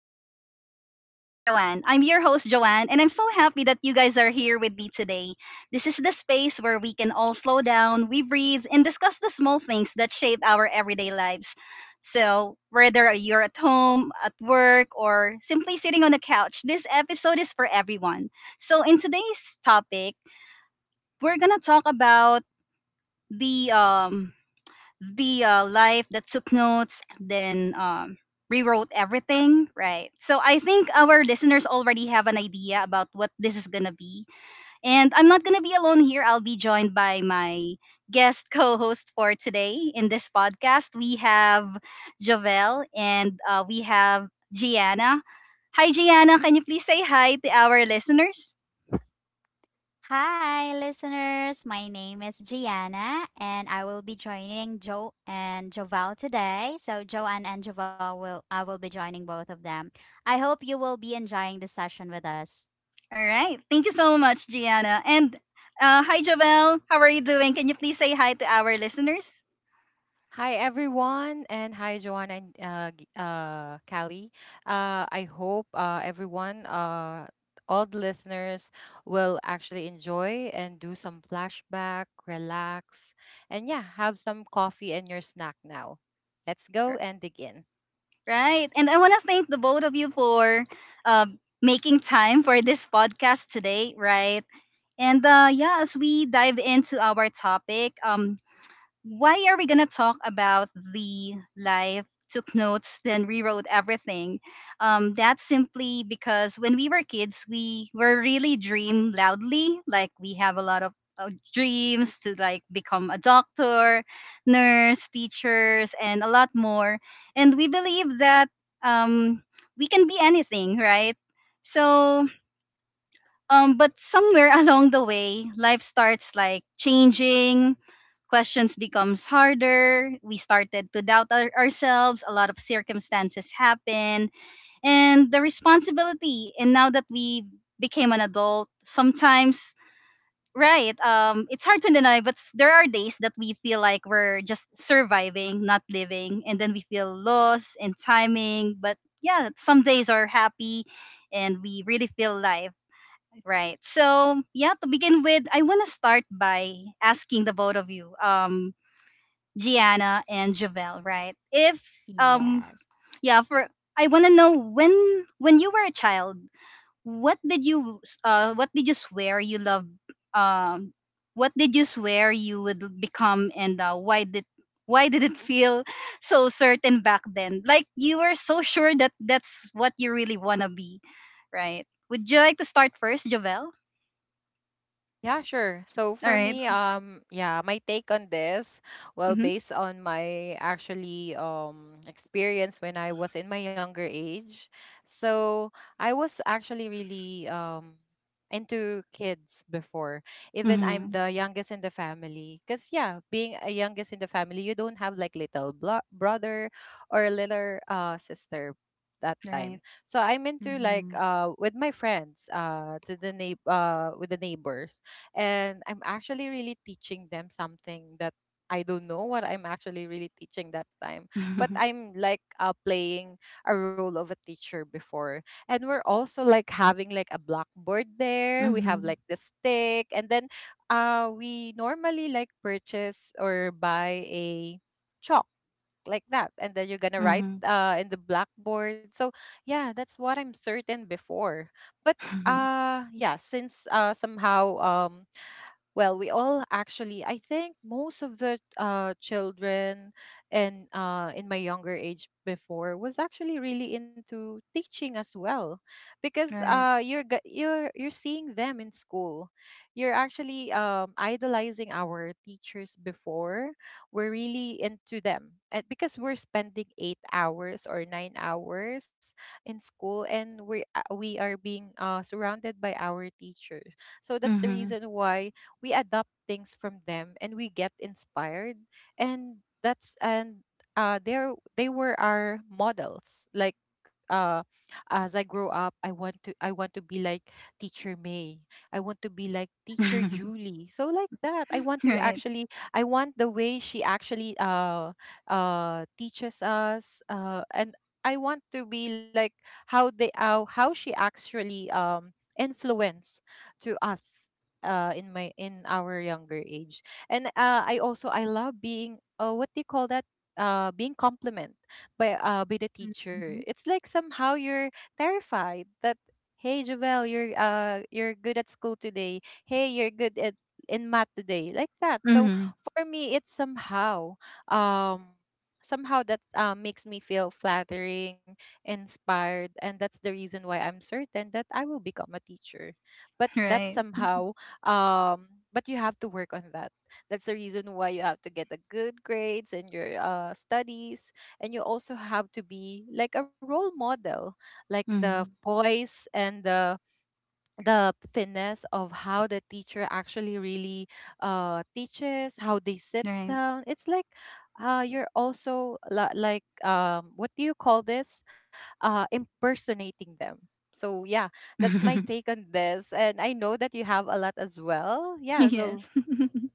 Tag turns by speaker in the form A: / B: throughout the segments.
A: Mindful Moments with Joanne. I'm your host, Joanne, and I'm so happy that you guys are here with me today. This is the space where we can all slow down, we breathe, and discuss the small things that shape our everyday lives. So, whether you're at home, at work, or simply sitting on the couch, this episode is for everyone. So, in today's topic, we're going to talk about the um, the life that took notes, then rewrote everything. Right, so I think our listeners already have an idea about what this is gonna be, and I'm not gonna be alone here. I'll be joined by my guest co-host. For today in this podcast we have Jovel, and we have Gianna. Hi, Gianna, can you please say hi to our listeners?
B: Hi, listeners. My name is Gianna, and I will be joining Joe and Joval today. So, Joanne and Joval will I will be joining both of them. I hope you will be enjoying the session with us.
A: All right, thank you so much, Gianna. And hi, Jovel. How are you doing? Can you please say hi to our listeners?
C: Hi everyone, and hi Joanna and Callie. I hope everyone, all the listeners, will actually enjoy and do some flashback, relax, and yeah, have some coffee and your snack now. Let's go and dig in.
A: Right. And I want to thank the both of you for uh, making time for this podcast today, right? And yeah, as we dive into our topic, why are we gonna talk about the live took notes then rewrote everything? That's simply because, when we were kids we were really dream loudly, like we have a lot of dreams to, like, become a doctor, nurse, teachers, and a lot more. And we believe that, um, we can be anything, right? So, but somewhere along the way, life starts like changing. Questions becomes harder. We started to doubt ourselves. A lot of circumstances happen, and the responsibility. And now that we became an adult, sometimes, right, it's hard to deny. But there are days that we feel like we're just surviving, not living, and then we feel lost in timing. But yeah, some days are happy, and we really feel life. Right. So, yeah, to begin with, I want to start by asking the both of you, Gianna and Javel, right? If um
B: Yes.
A: yeah, for I want to know, when you were a child, what did you swear you love, um what did you swear you would become? And why did it feel so certain back then? Like you were so sure that that's what you really want to be, right? Would you like to start first, Javel?
C: Yeah, sure. So
A: All
C: for
A: right.
C: me, yeah, my take on this, well,
A: Mhm.
C: based on my actually experience when I was in my younger age, so I was actually really into kids before. Even I'm
A: Mhm.
C: the youngest in the family, cause yeah, being a youngest in the family, you don't have like little brother or little sister that time.
A: Right.
C: So I'm into like
B: Mm-hmm.
C: with my friends to the neigh with the neighbors, and I'm actually really teaching them something that I don't know what I'm actually really teaching that time. But
A: Mhm.
C: I'm like playing a role of a teacher before. And we're also like having like a blackboard there. We have
A: Mhm.
C: like the stick. And then we normally like purchase or buy a chalk like that. And then you're going to write
A: Mhm.
C: in the blackboard. So yeah, that's what I'm certain before. But yeah, since somehow well, we all actually, I think most of the children, and in my younger age before was actually really into teaching as well, because
A: Right.
C: you're seeing them in school. You're actually idolizing our teachers before. We're really into them, and because we're spending 8 hours or 9 hours in school, and we are being surrounded by our teachers. So that's the
A: Mhm.
C: reason why we adopt things from them and we get inspired, and they were our models. Like uh as I grow up, I want to be like teacher May, I want to be like teacher Julie, so like that, I want to
A: Right.
C: actually, I want the way she actually teaches us, and I want to be like how they how she actually influence to us in my in our younger age. And I also I love being what do you call that being compliment by the teacher.
B: Mm-hmm.
C: It's like somehow you're terrified that, hey Jovel, you're good at school today, hey you're good at in math today, like that. So
A: Mhm.
C: for me it's somehow um somehow that makes me feel flattering, inspired, and that's the reason why I'm certain that I will become a teacher. But that
A: Right.
C: somehow, um but you have to work on that. That's the reason why you have to get the good grades in your studies, and you also have to be like a role model, like the
A: Mhm.
C: poise and the finesse of how the teacher actually really teaches, how they sit
A: Right.
C: down. It's like you're also like what do you call this impersonating them. So yeah, that's my take on this, and I know that you have a lot as well. Yeah, go.
A: Yes.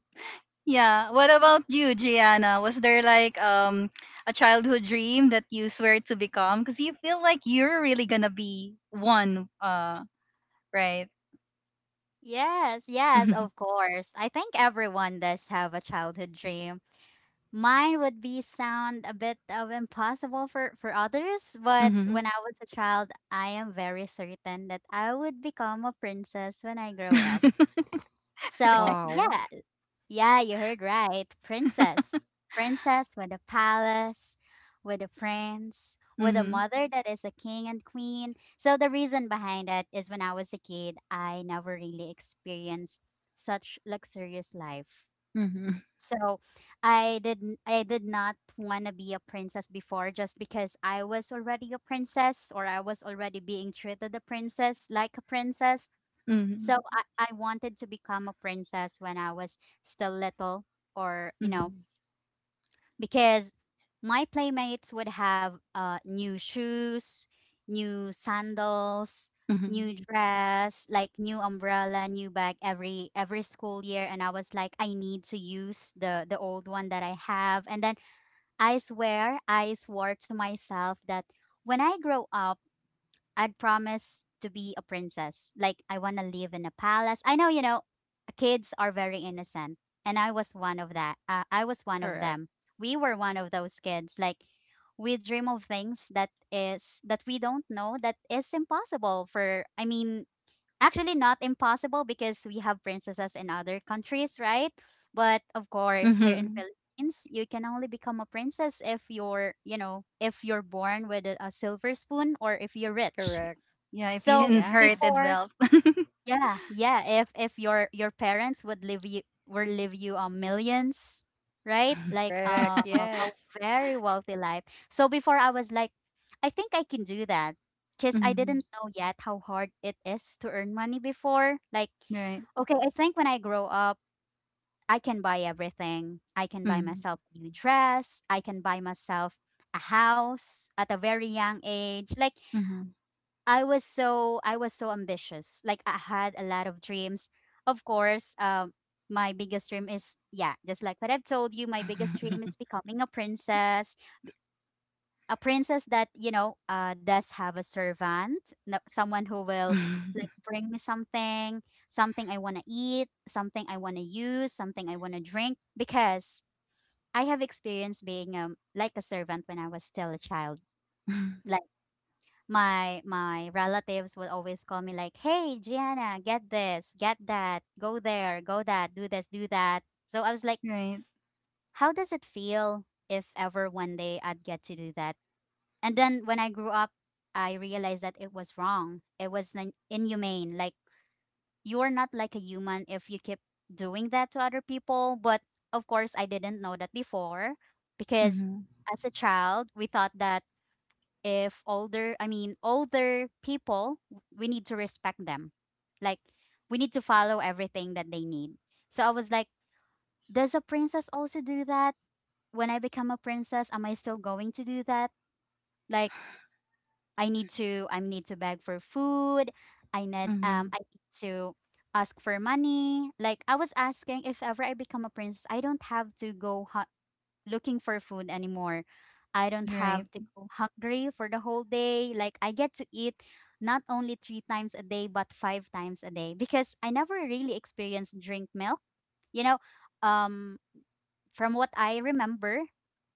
A: Yeah, what about you, Gianna? Was there like, a childhood dream that you swear to become? Because you feel like you're really gonna be one, right?
B: Yes. Yes.
A: Mm-hmm.
B: Of course. I think everyone does have a childhood dream. Mine would be sound a bit of impossible for others, but
A: Mm-hmm.
B: when I was a child, I am very certain that I would become a princess when I grow up. So,
A: Right.
C: Wow.
B: yeah, yeah, you heard right. Princess. Princess with a palace, with a prince, with a
A: Mm-hmm.
B: mother that is a king and queen. So, the reason behind that is when I was a kid, I never really experienced such luxurious life.
A: Mm-hmm.
B: So I did I did not want to be a princess before just because I was already a princess or I was already being treated a princess like a princess. So
A: Mm-hmm.
B: I wanted to become a princess when I was still little or because my playmates would have new shoes, new sandals,
A: Mm-hmm.
B: new dress, like new umbrella, new bag every school year, and I was like I need to use the old one that I have. And then I swore to myself that when I grow up, I'd promise to be a princess. Like I want to live in a palace. I know, kids are very innocent, and I was one of that. I was one of
C: Correct.
B: them. We were one of those kids. Like we dream of things that is that we don't know that is impossible for. I mean, actually not impossible because we have princesses in other countries, right? But of course, here in
A: Mm-hmm.
B: Philippines, you can only become a princess if you're, if you're born with a silver spoon or if you're rich.
C: Correct.
A: Yeah, if you
B: So
C: Yeah.
A: inherited
B: before,
A: wealth.
B: yeah, yeah, if your parents would leave you millions, right? Like
C: Correct.
B: a
C: Yes.
B: very wealthy life. So before I was like, I think I can do that because I
A: Mhm.
B: didn't know yet how hard it is to earn money before. Like,
A: Right.
B: okay, I think when I grow up, I can buy everything. I can buy
A: Mhm.
B: myself a new dress. I can buy myself a house at a very young age. Like
A: Mhm.
B: I was so ambitious. Like I had a lot of dreams. Of course, my biggest dream is, yeah, just like what I've told you, my biggest dream is becoming a princess. A princess that does have a servant, no, someone who will like bring me something, something I want to eat, something I want to use, something I want to drink because I have experience being like a servant when I was still a child. My relatives would always call me like, "Hey, Gianna, get this, get that, go there, go that, do this, do that." So I was like,
A: Right.
B: "How does it feel if ever one day I'd get to do that?" And then when I grew up, I realized that it was wrong. It was inhumane. Like you're not like a human if you keep doing that to other people. But of course, I didn't know that before because
A: Mhm.
B: as a child, we thought that if older, I mean, older people, we need to respect them. Like we need to follow everything that they need. So I was like, does a princess also do that? When I become a princess, am I still going to do that? Like, I need to beg for food. i need um
A: Mhm.
B: i need to ask for money. Like I was asking if ever I become a princess, I don't have to go looking for food anymore. I don't
A: Right.
B: have to go hungry for the whole day. Like I get to eat not only three times a day but five times a day because I never really experienced drink milk. You know, um, from what I remember,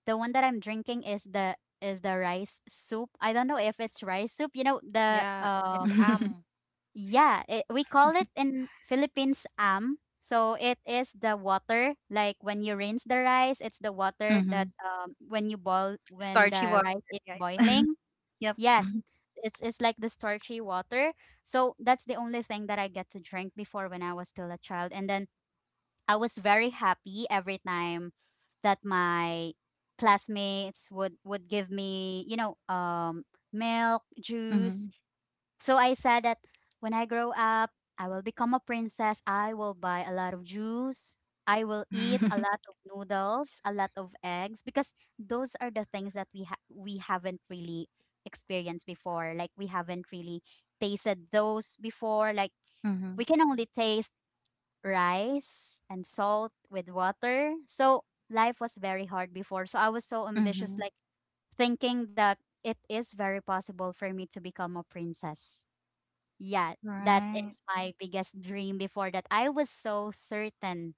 B: the one that I'm drinking is the rice soup. I don't know if it's rice soup. You know the
C: Yeah. It's am.
B: yeah, we call it in Philippines am. So it is the water, like when you rinse the rice, it's the water that
A: Mhm.
B: when
A: Starchy
B: the
A: water.
B: rice is
A: Yeah.
B: boiling.
A: Yep.
B: Yes, it's like the starchy water. So that's the only thing that I get to drink before when I was still a child, and then I was very happy every time that my classmates would give me milk juice.
A: Mhm.
B: So I said that when I grow up, I will become a princess. I will buy a lot of juice. I will eat a lot of noodles, a lot of eggs because those are the things that we haven't really experienced before. Like we haven't really tasted those before. Like we
A: Mhm.
B: can only taste rice and salt with water. So life was very hard before. So I was so ambitious
A: Mhm.
B: like thinking that it is very possible for me to become a princess. Yeah, that
A: Right.
B: is my biggest dream before that I was so certain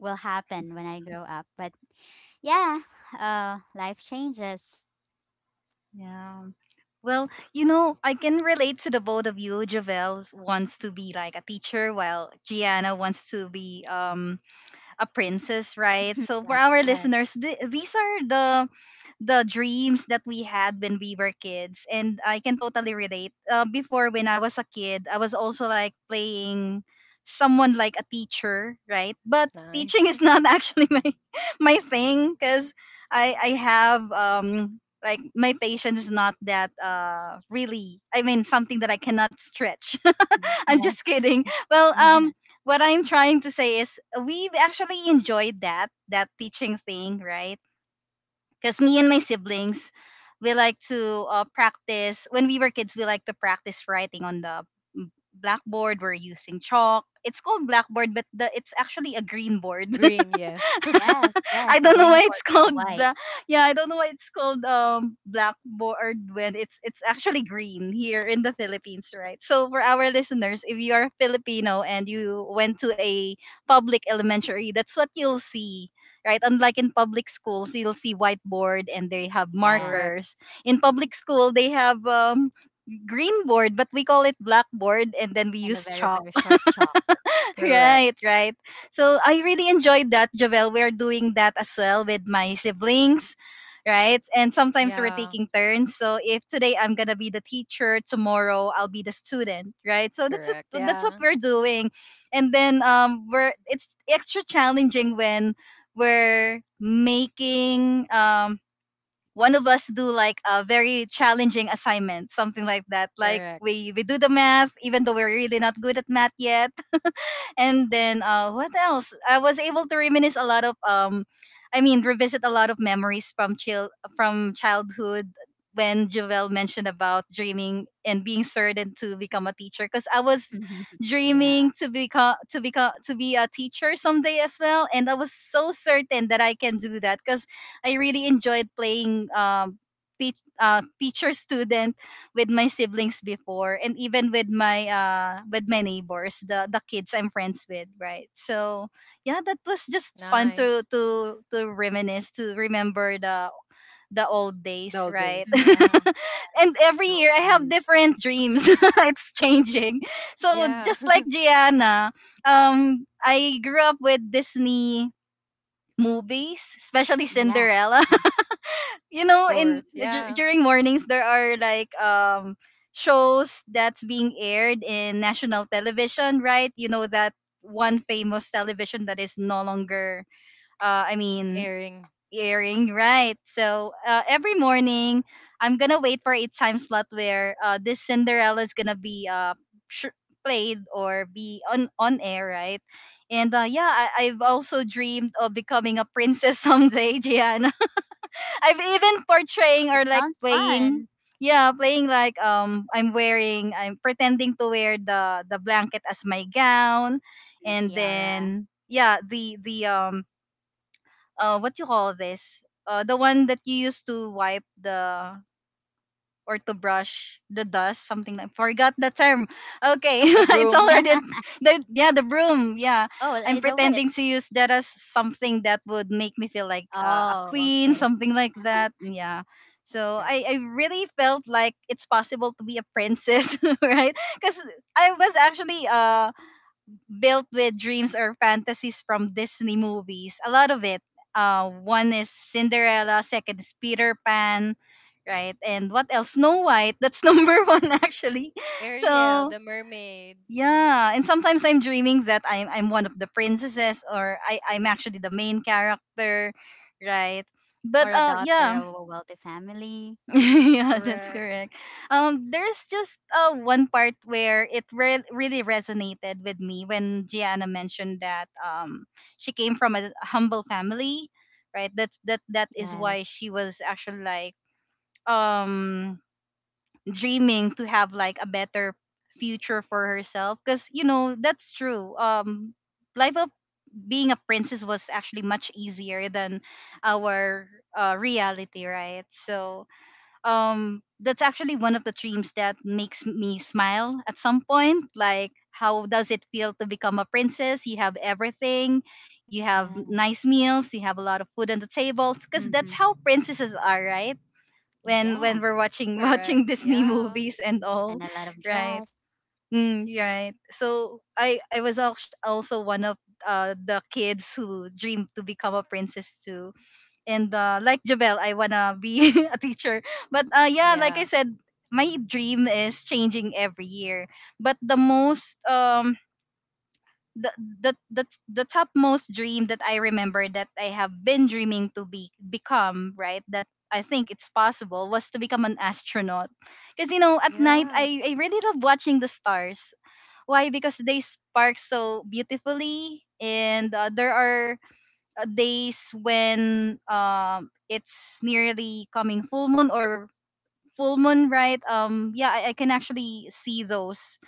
B: will happen when I grow up. But yeah, life changes.
A: Yeah. Well, you know, I can relate to the both of you. Javel wants to be like a teacher, while Gianna wants to be, a princess, right? So for
B: Yeah,
A: our
B: yes,
A: listeners, these are the dreams that we had when we were kids. And I can totally relate. Before when I was a kid I was also like playing someone like a teacher, right? But
C: Nice.
A: teaching is not actually my thing, because I have, like, my patience is not that really, I mean, something that I cannot stretch. I'm just
B: yes,
A: kidding. Well, what I'm trying to say is, we've actually enjoyed that teaching thing, right? Because me and my siblings, we like to practice. When we were kids we like to practice writing on the blackboard. We're using chalk, it's called blackboard, but it's actually a green board.
C: Green, yes.
B: yes, yes.
A: I
B: A
A: don't know
B: green
A: why
B: board
A: it's
B: or a
A: called
B: white.
A: bla- Yeah, I don't know why it's called blackboard when it's actually green here in the Philippines, right? So for our listeners, if you are Filipino and you went to a public elementary, that's what you'll see. Right, unlike in public schools, you'll see whiteboard and they have
B: Yeah,
C: Correct.
A: markers. In public school, they have, green board, but we call it blackboard, and then we
B: and a
A: use
B: very,
A: chalk.
B: very short chalk.
C: Correct.
A: Right, right. So I really enjoyed that, Javel. We're doing that as well with my siblings, right? And sometimes we're
C: Yeah.
A: taking turns. So if today I'm gonna be the teacher, tomorrow I'll be the student, right? So that's
C: Correct.
A: what that's what
C: Yeah.
A: we're doing. And then, we're it's extra challenging when we're making, one of us do like a very challenging assignment, something like that. Like
C: Correct.
A: we do the math, even though we're really not good at math yet. And then, what else? I was able to reminisce a lot of, I mean, revisit a lot of memories from chill from childhood, when Jovel mentioned about dreaming and being certain to become a teacher, because I was
B: Yeah,
A: dreaming to be a teacher someday as well. And I was so certain that I can do that, because I really enjoyed playing, teacher student with my siblings before, and even with my, with my neighbors, the kids I'm friends with, right? So yeah, that was just fun to
C: Nice.
A: to to reminisce, to remember the old days,
C: Dull
A: right.
C: days.
B: mhm.
C: Yeah.
A: And
B: That's
A: every
B: so
A: year I have
B: fun.
A: different dreams. It's changing. So,
C: Yeah.
A: just like
C: Of
A: Gianna, I grew up with Disney movies, especially
B: Yeah,
A: Cinderella.
B: mhm.
A: You know, in
C: course. Yeah.
A: during mornings there are, like, shows that's being aired in national television, right? You know that one famous television that is no longer, I mean,
C: Airing.
A: airing, right? So every morning I'm gonna wait for a time slot where, this Cinderella is gonna be, sh- played or be on air, right. And yeah, I've also dreamed of becoming a princess someday, Gian. I've even portraying or
B: It
A: like
B: sounds
A: playing,
B: fun.
A: yeah, playing like, I'm pretending to wear the blanket as my gown,
B: And a
A: and
B: tiara.
A: then yeah, the what you call this? The one that you use to wipe the, or to brush the dust, something like, forgot the term. Okay,
C: The
A: it's
C: broom.
A: already the yeah, the broom. Yeah,
B: Oh,
A: I'm
B: it's a witch.
A: pretending to use that as something that would make me feel like, a
B: Oh,
A: queen,
B: okay.
A: something like that. Yeah. So
C: Correct.
A: I really felt like it's possible to be a princess, right? Because I was actually, built with dreams or fantasies from Disney movies. A lot of it. One is Cinderella, second is Peter Pan, right? And what else? Snow White. That's number one actually.
C: Ariel,
A: So
C: the mermaid.
A: yeah, and sometimes I'm dreaming that I'm one of the princesses, or I'm actually the main character, right?
B: Or
A: But
B: a daughter
A: yeah,
B: of a wealthy family.
A: yeah, that's
C: Correct.
A: correct. There's just, one part where it really resonated with me, when Gianna mentioned that, she came from a humble family, right? That is why
B: Yes,
A: she was actually, like, um dreaming to have like a better future for herself, because you know that's true. Life of being a princess was actually much easier than our, reality, right? So, that's actually one of the dreams that makes me smile at some point, like, how does it feel to become a princess? You have everything, you have nice
B: yes.
A: meals, you have a lot of food on the table, because
B: Mm-hmm.
A: that's how princesses are, right? When
B: Yeah,
A: we're watching
C: Correct.
A: watching Disney
C: Yeah.
A: movies and
B: and
A: all,
B: a lot of
A: right.
B: dress
A: Mm, right. So I was also one of, the kids who dreamed to become a princess too. And like Javel, I wanna be a teacher. But yeah, like I
C: Yeah.
A: said, my dream is changing every year. But the most, the the the, the topmost dream that I remember, that I have been dreaming to be become, right, that I think it's possible, was to become an astronaut. Because you know, at night, I,
C: Yes.
A: I really love watching the stars. Why? Because they spark so beautifully. And there are, days when, it's nearly coming full moon, or full moon, right. Yeah, I can actually see those.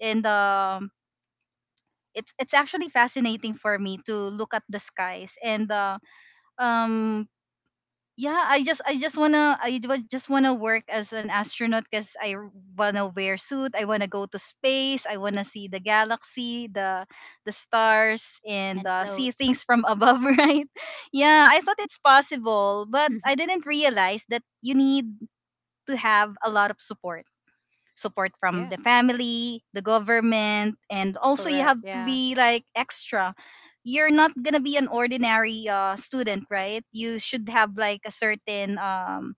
A: And, it's actually fascinating for me to look at the skies, and um yeah, I just wanna I wa- just wanna work as an astronaut, because wanna wear suit, I wanna go to space, I wanna see the galaxy, the stars, and
B: and
A: see
B: float.
A: things from above, right. Yeah, I thought it's possible, but I didn't realize that you need to have a lot of support from the
C: Yes.
A: family, the government, and also you
C: Correct.
A: have to
C: Yeah.
A: be like extra. You're not gonna be an ordinary student, right? You should have like a certain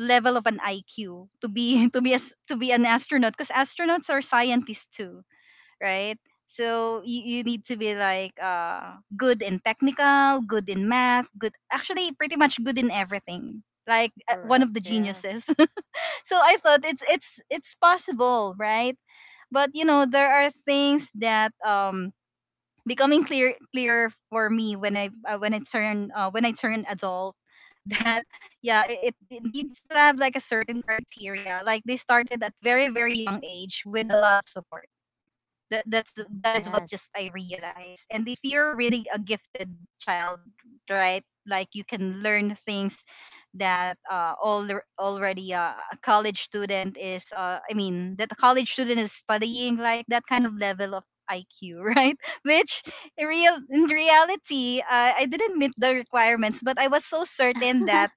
A: level of an IQ to be to be an astronaut, because astronauts are scientists too, right? So you need to be like good in technical, good in math, good actually pretty much good in everything. Like one
C: Correct.
A: of the geniuses.
C: Yes.
A: So I thought it's possible, right? But you know, there are things that becoming clearer for me when I turn adult that yeah it needs to have like a certain criteria. Like they started at very very young age with a lot of support. That is what
B: Yes,
A: just I realized. And if you're really a gifted child, right? Like you can learn things that all already a college student is I mean that a college student is studying like that kind of level of IQ, right? Which in reality, I didn't meet the requirements, but I was so certain that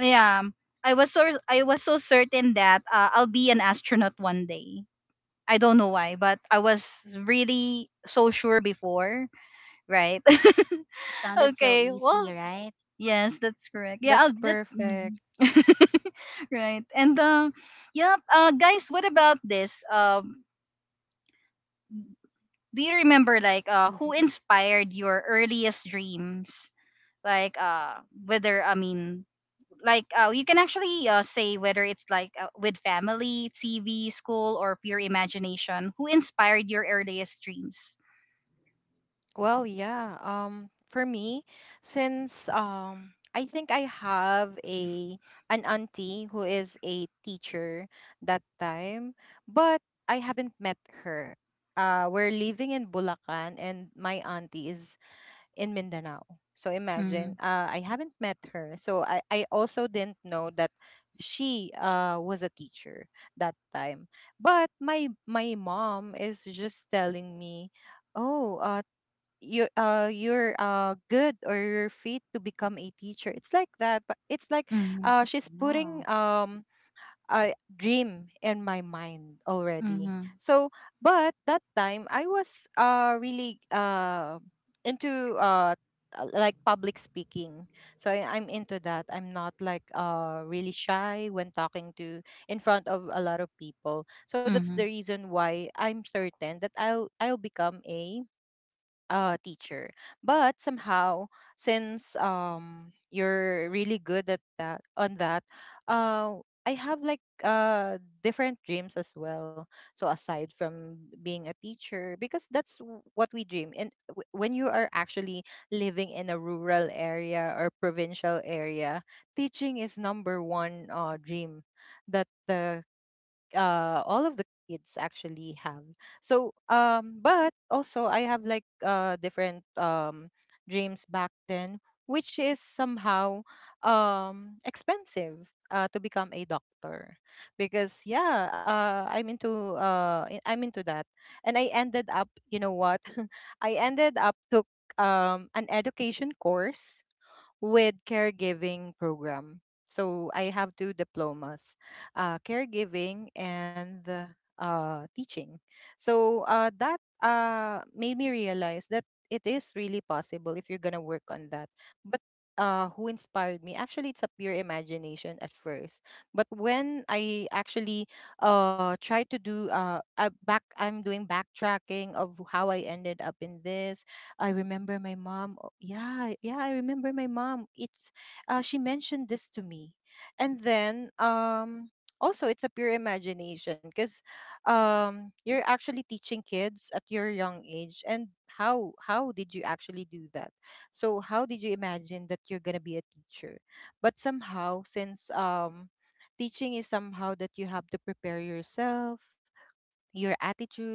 A: yeah, I was so certain that I'll be an astronaut one day. I don't know why, but I was really so sure before, right?
B: it sounded so
A: Okay,
B: easy,
A: well,
B: right?
A: yes, that's correct. Yeah,
C: That's
A: I'll that, mhm.
C: perfect.
A: Right. And yeah, guys, what about this? Do you remember like who
B: Mm-hmm.
A: inspired your earliest dreams? Like you can actually say whether it's like with family, TV, school, or pure imagination. Who inspired your earliest dreams?
C: Well, yeah. For me, since I think I have a an auntie who is a teacher that time, but I haven't met her. We're living in Bulacan, and my auntie is in Mindanao. So
A: Mm-hmm.
C: imagine, I haven't met her. So I also didn't know that she was a teacher that time. But my mom is just telling me, oh, you're good, or you're fit to become a teacher, it's like that. But it's like
A: Mm-hmm.
C: she's putting
B: Wow,
C: a dream in my mind already.
A: Mhm.
C: So, but that time I was really into like public speaking. So I'm into that, I'm not like really shy when talking to in front of a lot of people. So that's the
A: Mhm.
C: reason why I'm certain that I'll become a teacher. But somehow, since you're really good at that, on that, uh, I have like different dreams as well. So aside from being a teacher, because that's what we dream. And when you are actually living in a rural area or provincial area, teaching is number one dream that the all of the kids actually have. So but also I have like different dreams back then, which is somehow expensive, to become a doctor, because yeah, I'm into I'm into that. And I ended up, you know what, I ended up took an education course with caregiving program. So I have two diplomas, caregiving and teaching. So that made me realize that it is really possible if you're gonna work on that. But who inspired me? Actually, it's a pure imagination at first. But when I actually try to do back, I'm doing backtracking of how I ended up in this. I remember my mom. Oh, yeah, yeah, I remember my mom. It's she mentioned this to me, and then also it's a pure imagination because you're actually teaching kids at your young age. And how did you actually do that? So how did you imagine that you're gonna be a teacher? But somehow, since teaching is somehow that you have to prepare yourself, your attitude,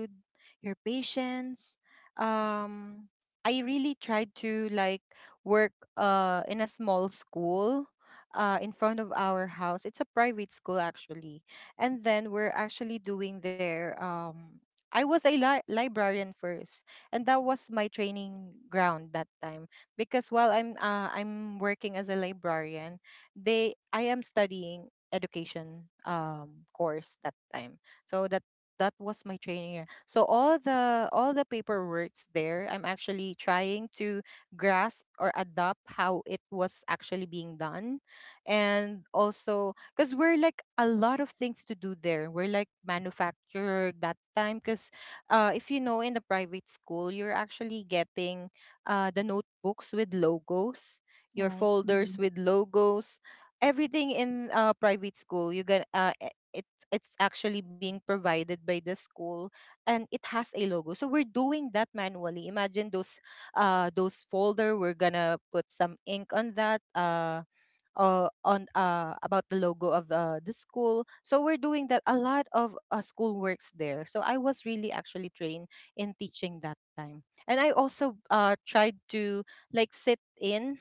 C: your patience. Um, I really tried to like work in a small school in front of our house. It's a private school actually. And then we're actually doing their I was a librarian first, and that was my training ground that time. Because while I'm working as a librarian, they I am studying education course that time. So that was my training year. So all the paperwork's there. I'm actually trying to grasp or adopt how it was actually being done. And also because we're like a lot of things to do there. We're like manufacturer that time, because if you know in the private school, you're actually getting the notebooks with logos, your
B: right. Mm-hmm.
C: folders with logos, everything in private school you get e, it's actually being provided by the school, and it has a logo. So we're doing that manually. Imagine those folder, we're gonna put some ink on that on about the logo of the school. So we're doing that, a lot of school works there. So I was really actually trained in teaching that time. And I also tried to like sit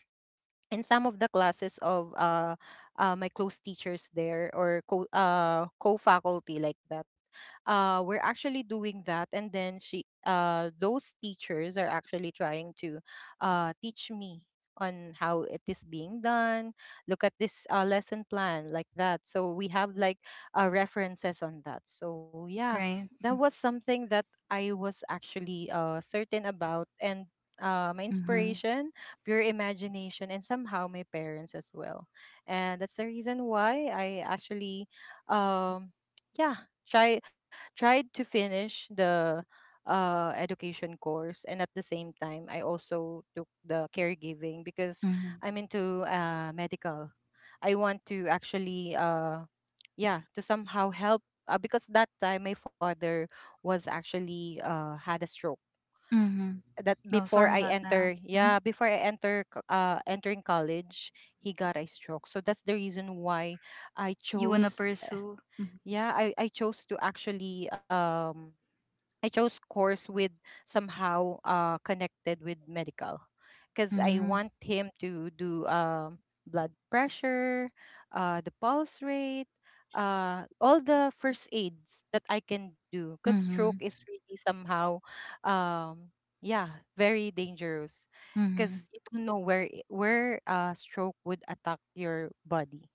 C: in some of the classes of my close teachers there, or co co-faculty, like that. We're actually doing that. And then she, those teachers are actually trying to teach me on how it is being done. Look at this lesson plan, like that. So we have like references on that. So yeah,
A: Right?
C: that was something that I was actually certain about. And my
A: Mhm.
C: inspiration, pure imagination, and somehow my parents as well. And that's the reason why I actually, um, yeah, try tried to finish the education course. And at the same time I also took the caregiving because
A: Mhm.
C: I'm into medical. I want to actually yeah, to somehow help, because that time my father was actually had a stroke,
A: Mhm.
C: that
A: Oh,
C: before
A: sorry
C: I
A: about that.
C: enter,
A: Mhm.
C: yeah, before I enter, entering college, he got a stroke. So that's the reason why I
A: You wanna
C: chose,
A: pursue, mhm.
C: yeah, I chose to actually I chose course with somehow connected with medical, because I
A: Mhm.
C: want him to do blood pressure, the pulse rate, all the first aids that I can do, because stroke
A: Mhm.
C: is really somehow um yeah, very dangerous,
A: Mhm.
C: because you don't know where where stroke would attack your body.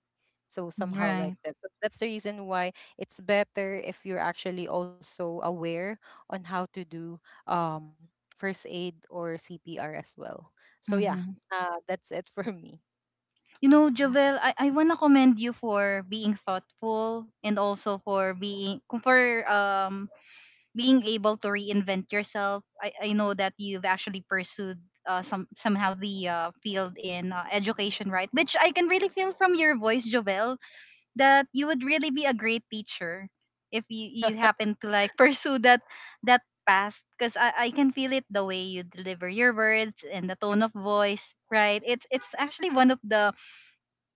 C: So somehow like
A: Right?
C: that. So that's the reason why it's better if you're actually also aware on how to do um, first aid or CPR as well. So yeah,
A: Mhm.
C: that's it for me.
A: You know,
B: Wow.
A: Jovel, I wanna commend you for being thoughtful and also for being able to reinvent yourself. I know that you've actually pursued somehow the field in education, right? Which I can really feel from your voice, Jovel, that you would really be a great teacher if you happen to like pursue that path because I can feel it the way you deliver your words and the tone of voice, right? It's actually one of the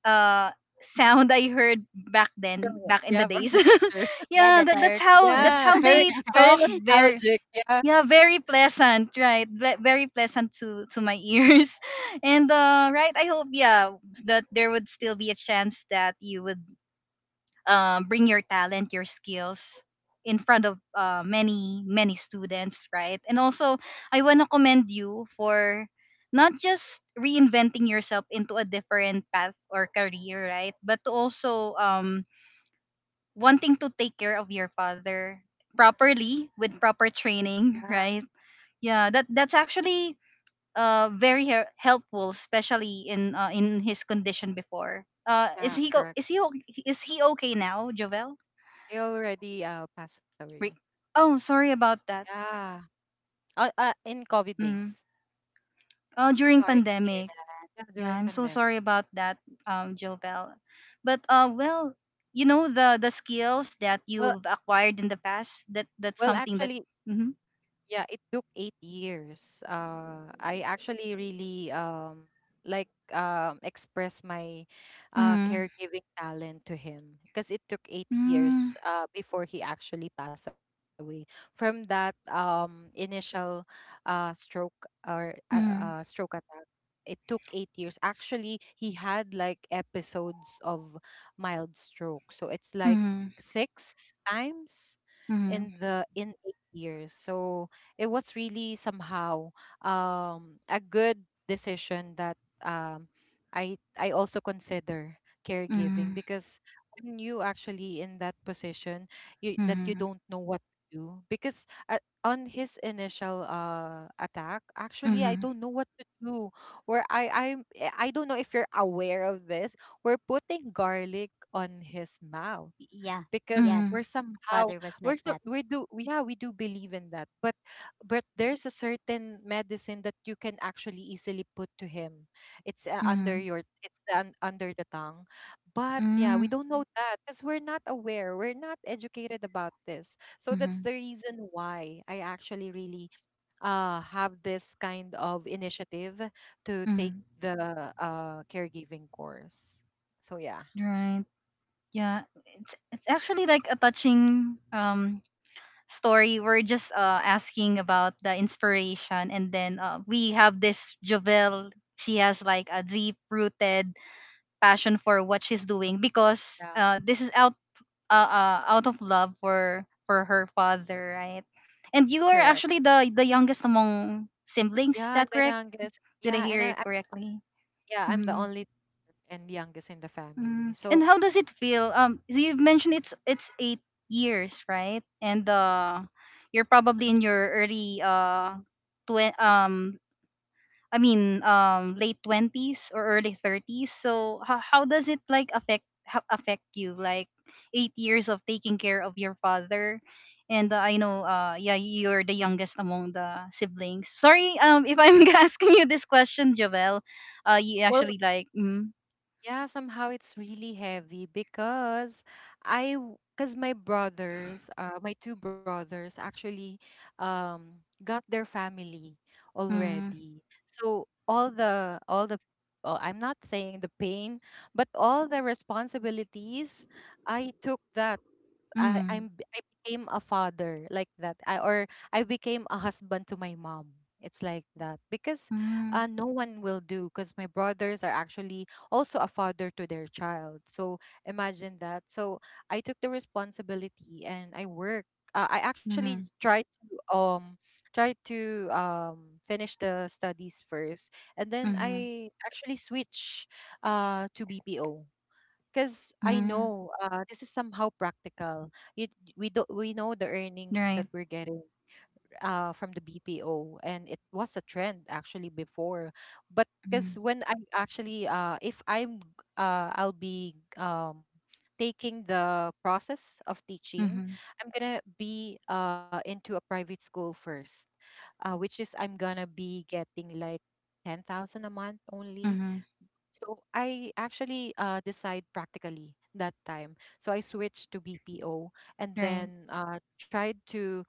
A: uh sound I heard back then,
C: From
A: back
C: the—
A: in the
C: yeah,
A: days.
C: from the teacher.
B: Yeah, the
A: Yeah,
B: terror pictures.
A: that's
C: Yeah,
A: how
C: very
A: they
C: very
A: talk. Very
C: nostalgic. Yeah,
A: yeah, very pleasant, right? Very pleasant to my ears. And uh, right, I hope, yeah, that there would still be a chance that you would bring your talent, your skills in front of many many students, right? And also, I want to commend you for not just reinventing yourself into a different path or career, right? But to also wanting to take care of your father properly with proper training,
C: yeah,
A: right? Yeah, that that's actually very helpful, especially in his condition before. Is
C: yeah,
A: he go-
C: correct.
A: is he o- Is he okay now, Jovel?
C: They already pass away.
A: Re- oh, sorry about that.
C: Yeah. In COVID
A: Mm.
C: days.
A: Oh, during
B: Sorry to hear
A: pandemic.
B: that.
C: Yeah,
A: Yeah,
C: during
A: I'm so
C: pandemic.
A: sorry about that, Jovel. But well, you know the skills that
C: Well,
A: you've acquired in the past. That
C: well,
A: that's something that.
C: actually,
A: Mm-hmm.
C: yeah, it took 8 years. I actually really express my caregiving talent to him, because it took eight
A: Mm-hmm.
C: years before he actually passed away from that initial stroke, or
A: Mm-hmm.
C: stroke attack. It took 8 years. Actually, he had like episodes of mild stroke, so it's like
A: Mm-hmm.
C: six times in 8 years. So it was really somehow a good decision that um I also consider caregiving
A: Mm-hmm.
C: because when you actually in that position you that you
A: mm
C: don't know what to do because on his initial attack
A: mm
C: actually
A: mm
C: I don't
A: mm
C: know what to do where I don't know if you're aware of this. We're putting garlic on his mouth
B: Yeah,
C: because
A: mm
B: yes.
C: we're somehow
B: Father was
C: we're
B: like
C: so
B: that.
C: we do we- yeah, we do believe in that, but there's a certain medicine that you can actually easily put to him. It's under
A: Mm.
C: your it's the, un, under the tongue, but yeah, we
A: Mm.
C: don't know that because we're not aware, we're not educated about this. So that's
A: Mm.
C: the reason why I actually really have this kind of initiative to take
A: Mm.
C: the caregiving course. So yeah.
A: Right. Yeah. It's actually like a touching story. We're just asking about the inspiration, and then we have this Jovel. She has like a deep rooted passion for what she's doing because
C: Yeah.
A: this is out out of love for her father, right? And you are
C: Correct.
A: actually the youngest among siblings,
C: Yeah,
A: is
C: I'm
A: that
C: the
A: correct?
C: youngest.
A: Did
C: Yeah,
A: I
C: and
A: hear it
C: I
A: correctly?
C: yeah, I'm the
A: Mm-hmm.
C: only and youngest in the family.
A: Mm. And
C: So,
A: how does it feel? So you've mentioned it's 8 years, right? And you're probably in your early twen- um, late twenties or early thirties. So how does it like affect you? Like 8 years of taking care of your father, and I know yeah, you're the youngest among the siblings. Sorry if I'm asking you this question, Jovel. You
C: well,
A: actually like mm,
C: yeah, somehow it's really heavy because I, because my brothers, my two brothers actually got their family
A: mm,
C: already. So, all the oh, I'm not saying the pain, but all the responsibilities, I took that.
A: mm.
C: I became a father like that. I, or I became a husband to my mom. It's like that because
A: Mm,
C: no one will do because my brothers are actually also a father to their child. So imagine that. So I took the responsibility and I work. I actually
A: mhm,
C: tried to try to finish the studies first, and then
A: mhm,
C: I actually switch to BPO because I
A: mhm,
C: know, this is somehow practical. You, we do we know the earnings that
A: right.
C: we're getting, from the BPO, and it was a trend actually before. But because
A: Mhm,
C: when I actually if I'm g- I'll be, taking the process of teaching.
A: mhm,
C: I'm gonna be into a private school first, which is I'm gonna be getting like 10,000 a month only.
A: mhm,
C: So I actually, decide practically that time. So I switched to BPO, and
A: right.
C: then tried to,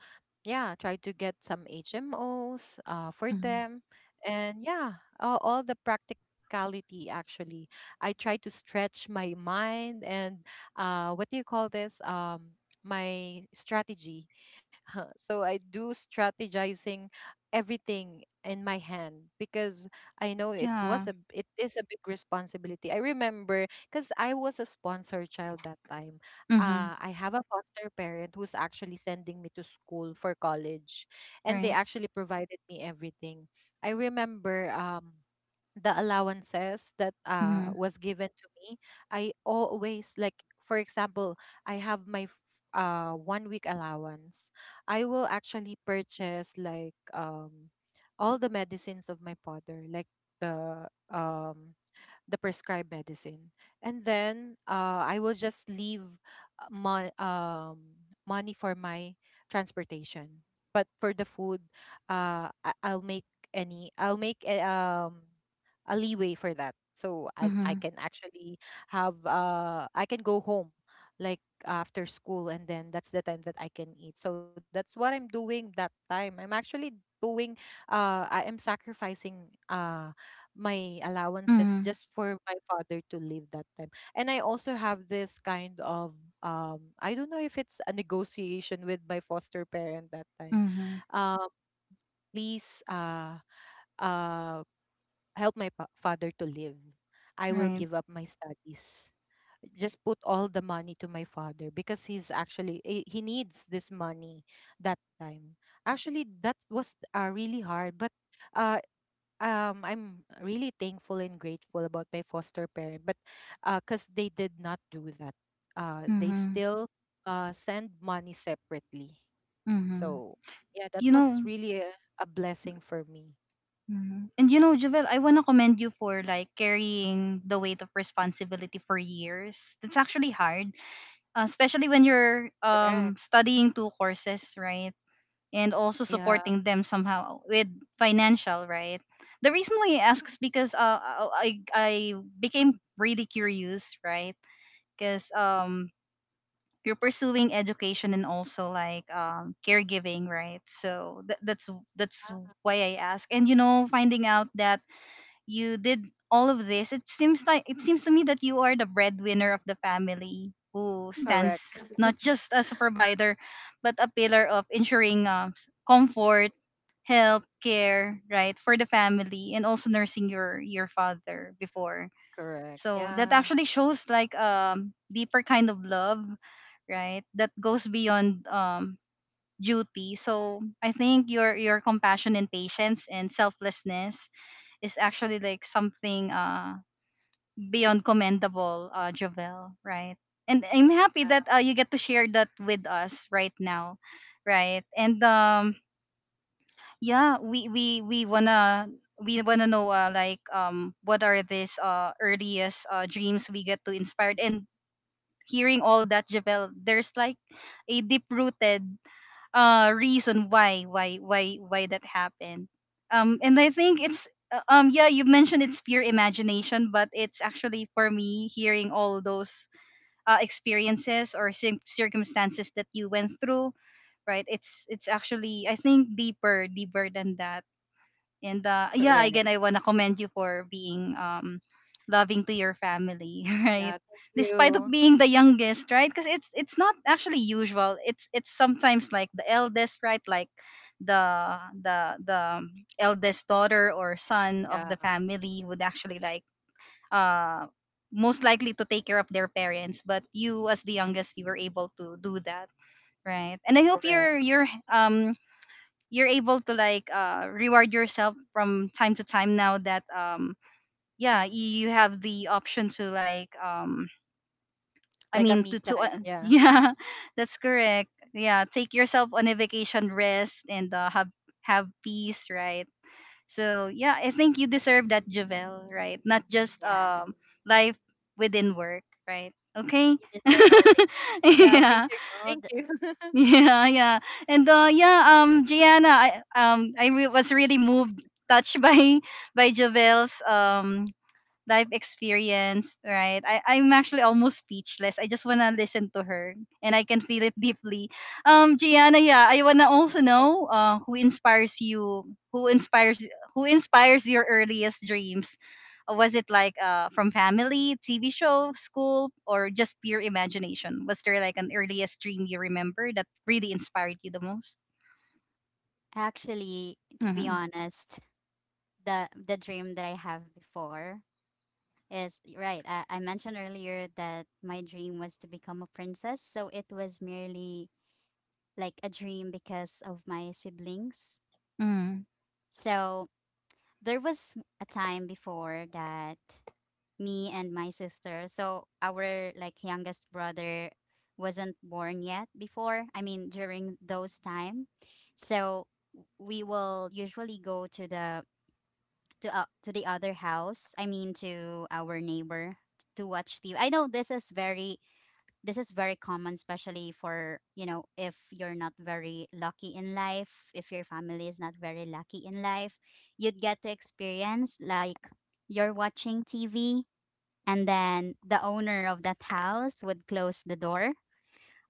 C: yeah, tried to get some HMOs, for
A: Mhm.
C: them. And yeah, all the practicality actually. I tried to stretch my mind and, what do you call this? My strategy. So I do strategizing everything in my hand because I know
A: Yeah.
C: it is a big responsibility. I remember because I was a sponsor child that time.
A: Mhm,
C: I have a foster parent who's actually sending me to school for college, and they
A: right.
C: actually provided me everything. I remember the allowances that
A: Mhm,
C: was given to me. I always, like, for example, I have my f- one week allowance, I will actually purchase like all the medicines of my father, like the the prescribed medicine. And then, I will just leave, uh, mon- um, money for my transportation. But for the food, I'll make I'll make a leeway for that. So I
A: mhm,
C: can actually I can go home like after school, and then that's the time that I can eat. So that's what I'm doing that time. I'm actually doing I am sacrificing my allowances
A: mhm,
C: just for my father to live that time. And I also have this kind of, I don't know if it's a negotiation with my foster parent that time.
A: mhm,
C: Uh, Please, uh help my father to live. I will
A: right.
C: give up my studies. Just put all the money to my father because he's actually he needs this money that time. Actually, that was really hard, but uh I'm really thankful and grateful about my foster parent, but, cause they did not do that. They
A: Mhm,
C: still send money separately.
A: mhm.
C: So yeah, that
A: You
C: was
A: know,
C: really a blessing for me.
A: mhm. And you know, Javel, I wanna commend you for like carrying the weight of responsibility for years. It's actually hard, especially when you're
C: Correct.
A: studying two courses, right? And also
C: Yeah.
A: supporting them somehow with financial, right? The reason why I ask is because I became really curious, right? Because you're pursuing education and also like caregiving, right? So tha- that's why I ask. And you know, finding out that you did all of this, it seems like it seems to me that you are the breadwinner of the family who stands
C: Correct.
A: not just as a provider but a pillar of ensuring comfort, health care, right, for the family, and also nursing your father before.
C: Correct.
A: So that
C: Yeah.
A: actually shows like deeper kind of love, right, that goes beyond duty. So I think your compassion and patience and selflessness is actually like something beyond commendable, Jovel, right? And I'm happy that
C: Yeah.
A: you get to share that with us right now, right? And yeah, we wanna know like what are these earliest dreams we get to inspired, and hearing all that, Javel, there's like a deep rooted reason why why that happened, and I think it's yeah, you mentioned it's pure imagination, but it's actually for me hearing all those experiences or circumstances that you went through, right? It's actually I think deeper deeper than that. And yeah, again,
C: Correct.
A: I wanna commend you for being loving to your family, right?
C: Yeah. Thank
A: Despite of
C: you.
A: being the youngest, right? Because it's not actually usual. It's sometimes like the eldest, right? Like the eldest daughter or son of the
C: Yeah.
A: family would actually like uh most likely to take care of their parents. But you as the youngest, you were able to do that, right? And I hope
C: Correct.
A: your um you're able to like reward yourself from time to time now that yeah, you have the option to like
C: Like a
A: to
C: me time. Yeah.
A: yeah, that's correct. Yeah, take yourself on a vacation, rest, and have peace, right? So yeah, I think you deserve that, Javel, right? Not just
C: Yeah.
B: Yes.
A: life within work, right? Okay.
B: You deserve all the good things in the
C: Yeah.
A: Yeah.
C: Thank you.
B: world.
C: Thank you.
A: Yeah, yeah. And yeah, Gianna, was really moved, touched by by Jovel's life experience, right? I'm actually almost speechless. I just wanna listen to her, and I can feel it deeply. Gianna, yeah, I wanna also know who inspires you, who inspires your earliest dreams. Was it like from family, TV show, school, or just pure imagination? Was there like an earliest dream you remember that really inspired you the most?
B: Actually, to be
A: Mm-hmm.
B: honest, the dream that I have before, yes, right, I mentioned earlier that my dream was to become a princess. So it was merely like a dream because of my siblings.
A: Mm-hmm.
B: So there was a time before that me and my sister, so our like youngest brother wasn't born yet before. I mean, during those time. So we will usually go to the other house. I mean, to our neighbor to watch TV. I know this is very common especially for if you're not very lucky in life, if your family is not very lucky in life, you'd get to experience like you're watching TV, and then the owner of that house would close the door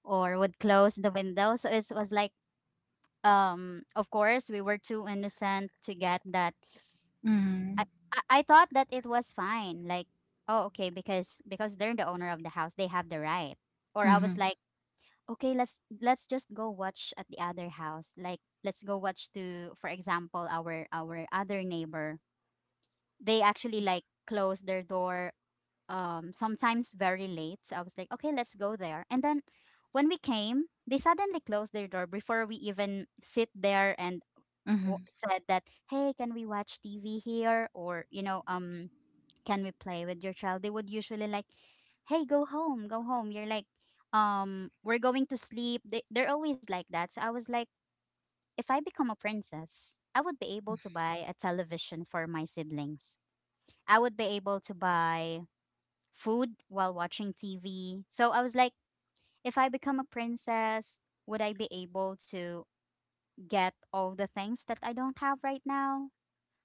B: or would close the window. So it was like of course we were too innocent to get that. I i I thought that it was fine. Like, oh, okay, because they're the owner of the house, they have the right. Or I was
A: Mm-hmm.
B: like, okay, let's just go watch at the other house. Like, let's go watch to, for example, our other neighbor. They actually like close their door sometimes very late. So I was like, okay, let's go there. And then when we came, they suddenly closed their door before we even sit there, and
A: Mm-hmm.
B: said that, hey, can we watch TV here, or can we play with your child. They would usually like, hey, go home, go home, you're like, we're going to sleep. They're always like that. So I was like, if I become a princess, I would be able to buy a television for my siblings. I would be able to buy food while watching TV. So I was like, if I become a princess, would I be able to get all the things that I don't have right now?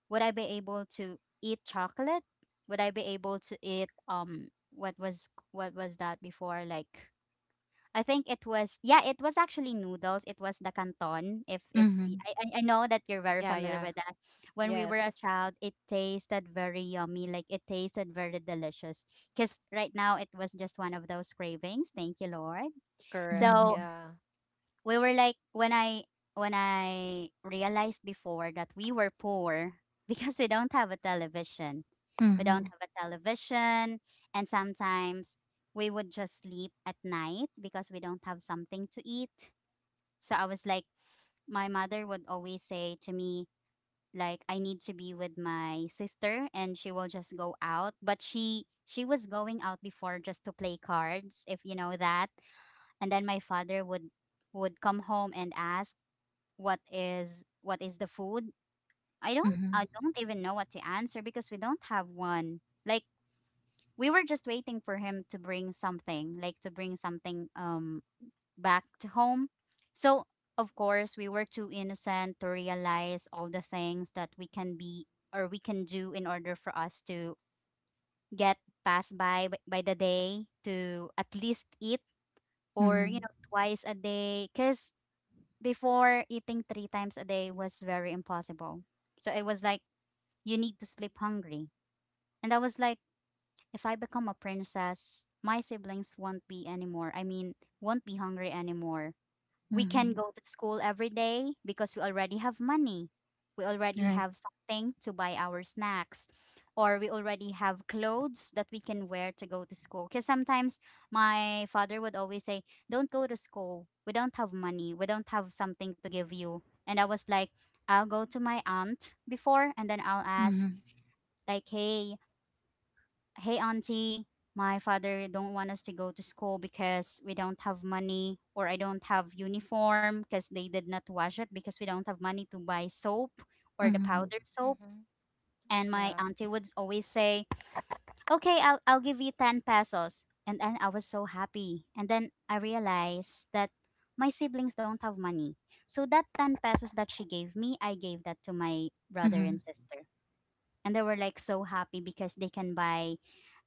B: Would I be able to eat chocolate? Would I be able to eat what was that before? Like I think it was, yeah, it was actually noodles. It was the canton. If
A: Mm-hmm. Mm-hmm.
B: I know that you're very
C: Yeah.
B: familiar
C: Yeah.
B: with that. When we were
C: Yes.
B: a child, it tasted very yummy. Like it tasted very delicious. Cause right now it was just one of those cravings. Thank you, Lord.
C: Correct.
A: Mm-hmm.
B: So
C: Yeah.
B: we were like when I realized before that we were poor because we don't have a television we
A: Mm-hmm.
B: don't have a television And sometimes we would just sleep at night because we don't have something to eat, so I was like my mother would always say to me like I need to be with my sister and she will just go out, but she was going out before just to play cards, if you know that. And then my father would come home and ask, what is the food? i don't i
A: Mm-hmm.
B: don't even know what to answer because we don't have one. Like we were just waiting for him to bring something, like to bring something back to home. So of course, we were too innocent to realize all the things that we can be or we can do in order for us to get passed by by the day to at least eat, or you
A: Mhm.
B: know, twice a day, cuz before eating three times a day was very impossible. So it was like, you need to sleep hungry. And I was like, if I become a princess, my siblings won't be anymore. I mean, won't be hungry anymore. We can
A: Mhm.
B: go to school every day because we already have money. We already
A: Right.
B: have something to buy our snacks, or we already have clothes that we can wear to go to school. Because sometimes my father would always say, don't go to school. We don't have money. We don't have something to give you. And I was like, I'll go to my aunt before and then I'll ask,
A: Mhm.
B: like, hey, hey auntie, my father don't want us to go to school because we don't have money, or I don't have uniform because they did not wash it because we don't have money to buy soap or the
A: Mhm.
B: powder soap.
C: Mm-hmm.
B: And my
C: Yeah.
B: auntie would always say, I'll give you 10 pesos. And then I was so happy, and then I realized that my siblings don't have money, so that 10 pesos that she gave me, I gave that to my brother and
A: Mhm.
B: sister. And they were like so happy because they can buy,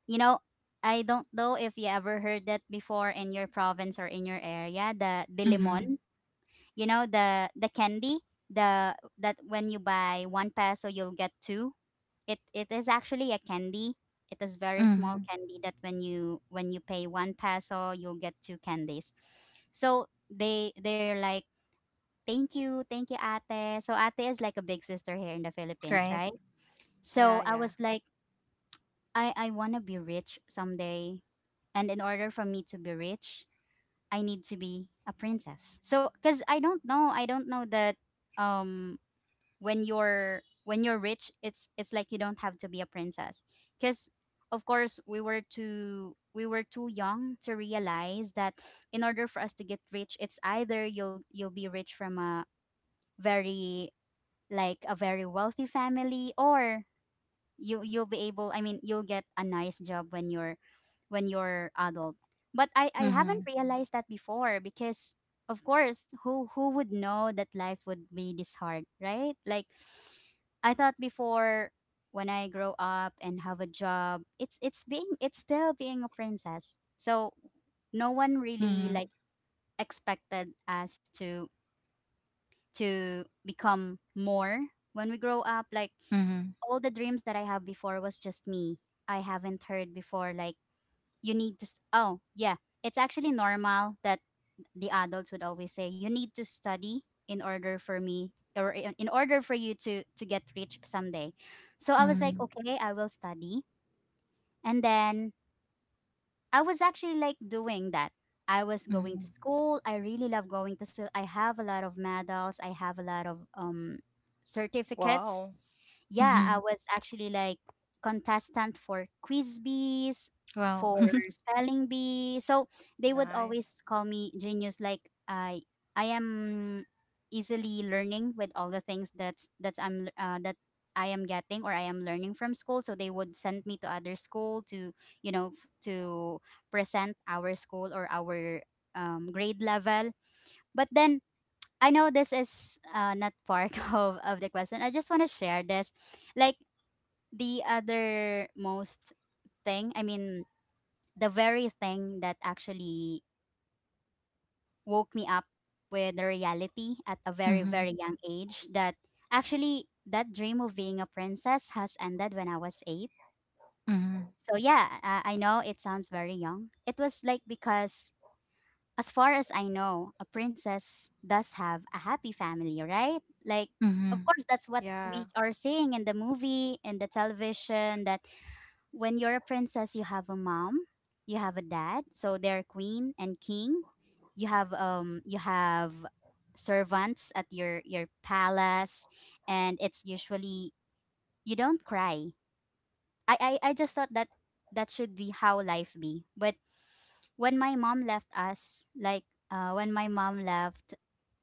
B: you know, I don't know if you ever heard that before in your province or in your area, the
A: Mhm.
B: dilimon. You know, the candy, the that when you buy one peso you'll get two. It is actually a candy. It is very small
A: Mhm.
B: candy that when you pay one peso you'll get two candies. So they're like thank you, ate. So ate is like a big sister here in the Philippines,
A: Right.
B: right? So I
C: Yeah,
B: was
C: yeah.
B: like, I want to be rich someday. And in order for me to be rich, I need to be a princess. So cuz I don't know that um when you're rich, it's like you don't have to be a princess. Cuz of course, we were too young to realize that in order for us to get rich, it's either you'll be rich from a very, like a very wealthy family, or you'll be able, I mean, you'll get a nice job when you're adult. But I haven't
A: Mhm.
B: realized that before because of course, who would know that life would be this hard, right? Like I thought before, when I grow up and have a job, it's still being a princess. So no one really like
A: Mhm.
B: expected us to become more when we grow up. Like
A: Mhm.
B: all the dreams that I have before was just me. I haven't heard before. Like you need to. S Oh yeah, it's actually normal that the adults would always say you need to study in order for me, or in order for you to get rich someday. So I was like,
A: Mhm.
B: okay, I will study, and then I was actually like doing that. I was going to
A: Mhm.
B: school. I really love going to school. I have a lot of medals. I have a lot of certificates.
C: Wow.
B: Yeah, I
A: Mhm.
B: was actually like contestant for quiz bees,
A: Wow.
B: for spelling bee. So they would always call
C: Nice.
B: me genius. Like I am easily learning with all the things that I am getting or I am learning from school. So they would send me to other school to, you know, to present our school or our grade level. But then I know this is not part of the question. I just want to share this. Like the other most thing, I mean, the very thing that actually woke me up with the reality at a very, very
A: Mhm.
B: young age, that actually that dream of being a princess has ended when I was eight.
A: Mhm.
B: So yeah, I know it sounds very young. It was like because as far as I know, a princess does have a happy family, right? Like, of
A: Mhm.
B: course, that's what
C: Yeah.
B: we are seeing in the movie, in the television, that when you're a princess, you have a mom, you have a dad, so they're queen and king. You have servants at your palace, and it's usually you don't cry. I just thought that that should be how life be. But when my mom left us, like when my mom left,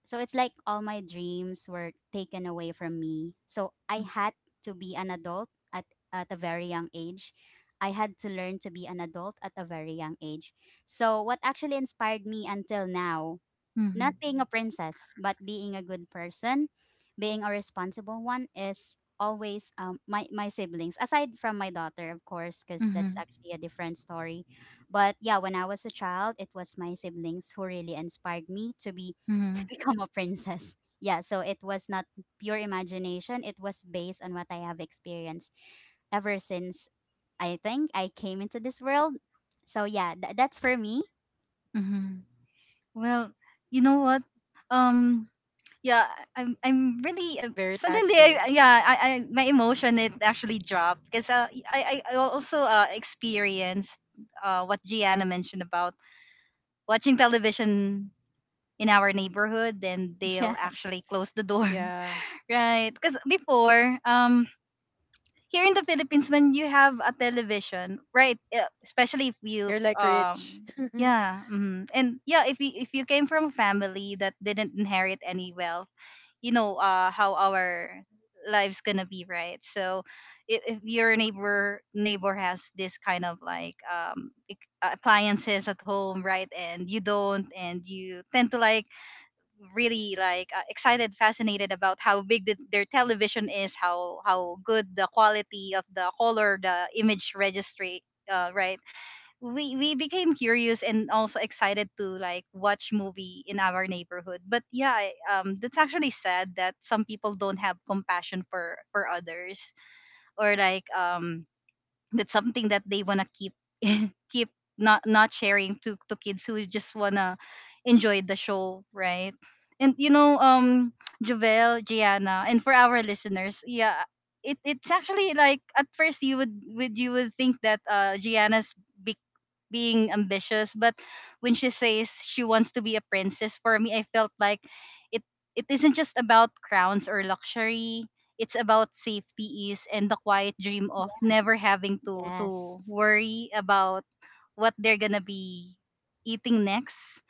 B: so it's like all my dreams were taken away from me. So I had to be an adult at a very young age. I had to learn to be an adult at a very young age. So what actually inspired me until now, not
A: Mhm.
B: being a princess, but being a good person, being a responsible one is always my siblings, aside from my daughter, of course, because that's
A: Mhm.
B: actually a different story. But yeah, when I was a child, it was my siblings who really inspired me to be to
A: Mhm.
B: become a princess. Yeah, so it was not pure imagination. It was based on what I have experienced ever since I think I came into this world. So yeah, that's for me.
A: Mhm. Well, you know what? Um. Yeah. I'm. I'm really.
C: Very
A: Suddenly. I,
C: touching.
A: yeah. I. My emotion. It actually dropped because I. I also experienced what Gianna mentioned about watching television in our neighborhood, then they'll
B: Yes.
A: actually close the door,
C: Yeah.
A: right? Because before, here in the Philippines, when you have a television, right, especially if you,
C: You're like rich.
A: um, yeah, mm, and yeah, if you came from a family that didn't inherit any wealth, you know, how our lives gonna be, right? So, if your neighbor has this kind of like appliances at home, right, and you don't, and you tend to like really like excited fascinated about how big their television is, how good the quality of the color, the image registry, right, we became curious and also excited to like watch movie in our neighborhood. But yeah, that's actually sad that some people don't have compassion for others, or like that's something that they want to keep keep not sharing to kids who just wanna enjoy the show, right? And Javel, Gianna, and for our listeners, yeah, it's actually like at first you would you would think that Gianna's big being ambitious. But when she says she wants to be a princess, for me I felt like it it isn't just about crowns or luxury. It's about safety, ease, and the quiet dream of never having to
B: Yes.
A: worry about what they're gonna be eating next,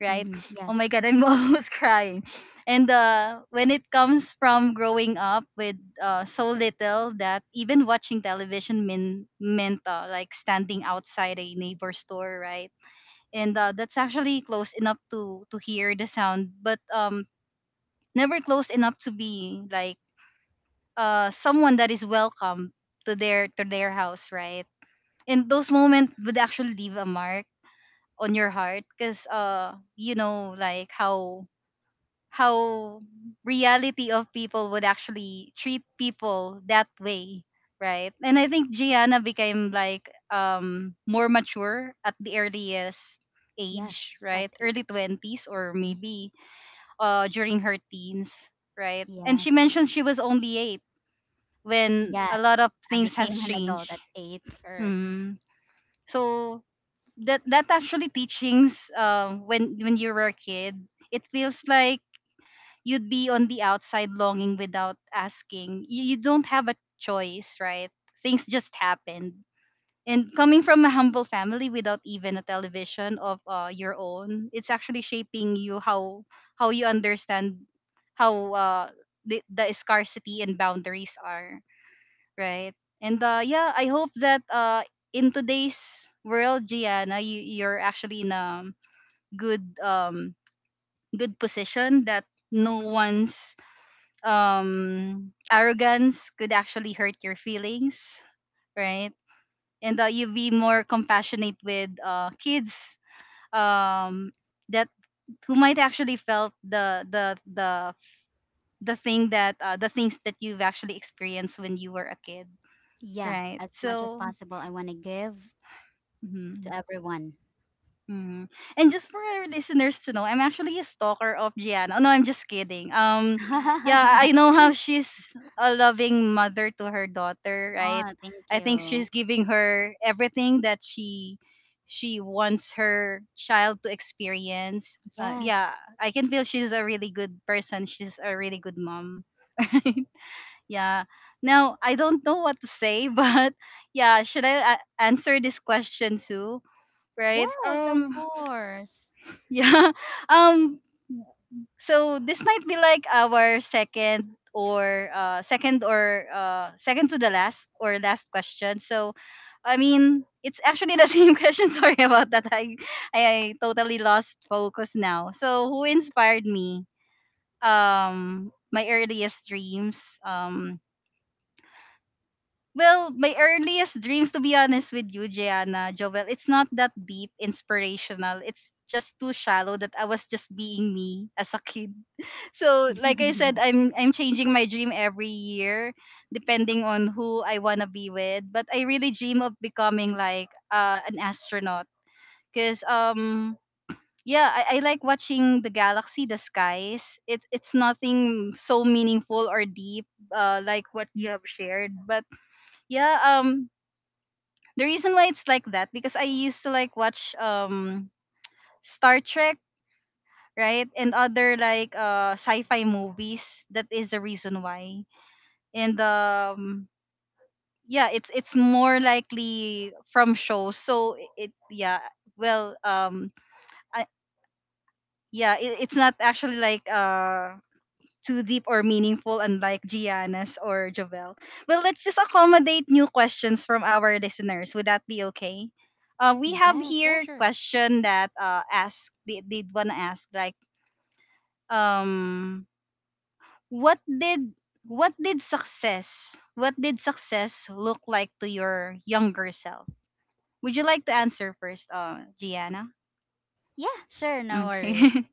A: right?
B: Mm-hmm.
A: Oh my
B: Yes.
A: god, I'm almost crying. And when it comes from growing up with so little that even watching television meant like standing outside a neighbor's door, right? And that's actually close enough to hear the sound, but never close enough to be like someone that is welcome to their house, right? And those moments would actually leave a mark on your heart, because you know, like how how reality of people would actually treat people that way, right? And I think Gianna became like more mature at the earliest age,
B: Yes. At
A: right? Early
B: eight.
A: 20s, or maybe during her teens, right? And she
B: Yes.
A: mentioned she was only 8 when a lot
B: Yes.
A: of
B: I
A: things has
B: became an adult
A: changed.
B: at eight.
C: Correct.
A: Mm. So that actually teachings, when you were a kid, it feels like you'd be on the outside longing without asking. You don't have a choice, right? Things just happened. And coming from a humble family without even a television of your own, it's actually shaping you how you understand how the scarcity and boundaries are, right? And yeah, I hope that in today's world, Gianna, you're actually in a good good position that no one's arrogance could actually hurt your feelings, right? And that you be more compassionate with kids, um that who might actually felt the thing that the things that you've actually experienced when you were a kid,
B: Yeah.
A: right?
B: As much as
A: So
B: possible, I want to give to
A: mhm.
B: everyone.
A: Mhm. And just for our listeners to know, I'm actually a stalker of Gianna. Oh, no, I'm just kidding. Yeah,
B: Oh,
A: I know how she's a loving mother to her daughter, right?
B: thank
A: I think
B: you.
A: she's giving her everything that she wants her child to experience. Yeah,
B: Yes.
A: I can feel she's a really good person. She's a really good mom. Yeah. Now, I don't know what to say, but yeah, should I answer this question too, right?
B: Yes, of course.
A: Yeah. Um. So this might be like our second, or second to the last, or last question. So, I mean, it's actually the same question. Sorry about that. I totally lost focus now. So who inspired me? My earliest dreams. Well, my earliest dreams, to be honest with you, Gianna, Jovel, it's not that deep, inspirational. It's just too shallow that I was just being me as a kid. So, like I said, I'm changing my dream every year, depending on who I wanna be with. But I really dream of becoming like an astronaut, cause yeah, I like watching the galaxy, the skies. It's nothing so meaningful or deep, like what you have shared, but yeah, the reason why it's like that because I used to like watch Star Trek, right? And other like sci-fi movies. That is the reason why. And yeah, it's more likely from shows. So it, yeah, well, I, yeah, it's not actually like too deep or meaningful, unlike Gianna's or Jovel. Well, let's just accommodate new questions from our listeners. Would that be okay? We have
C: Yeah,
A: here
B: Yes.
C: sure.
A: question that ask, they did wanna ask like um what did success look like to your younger self? Would you like to answer first, Gianna?
B: Yeah, sure. No
A: Okay.
B: worries.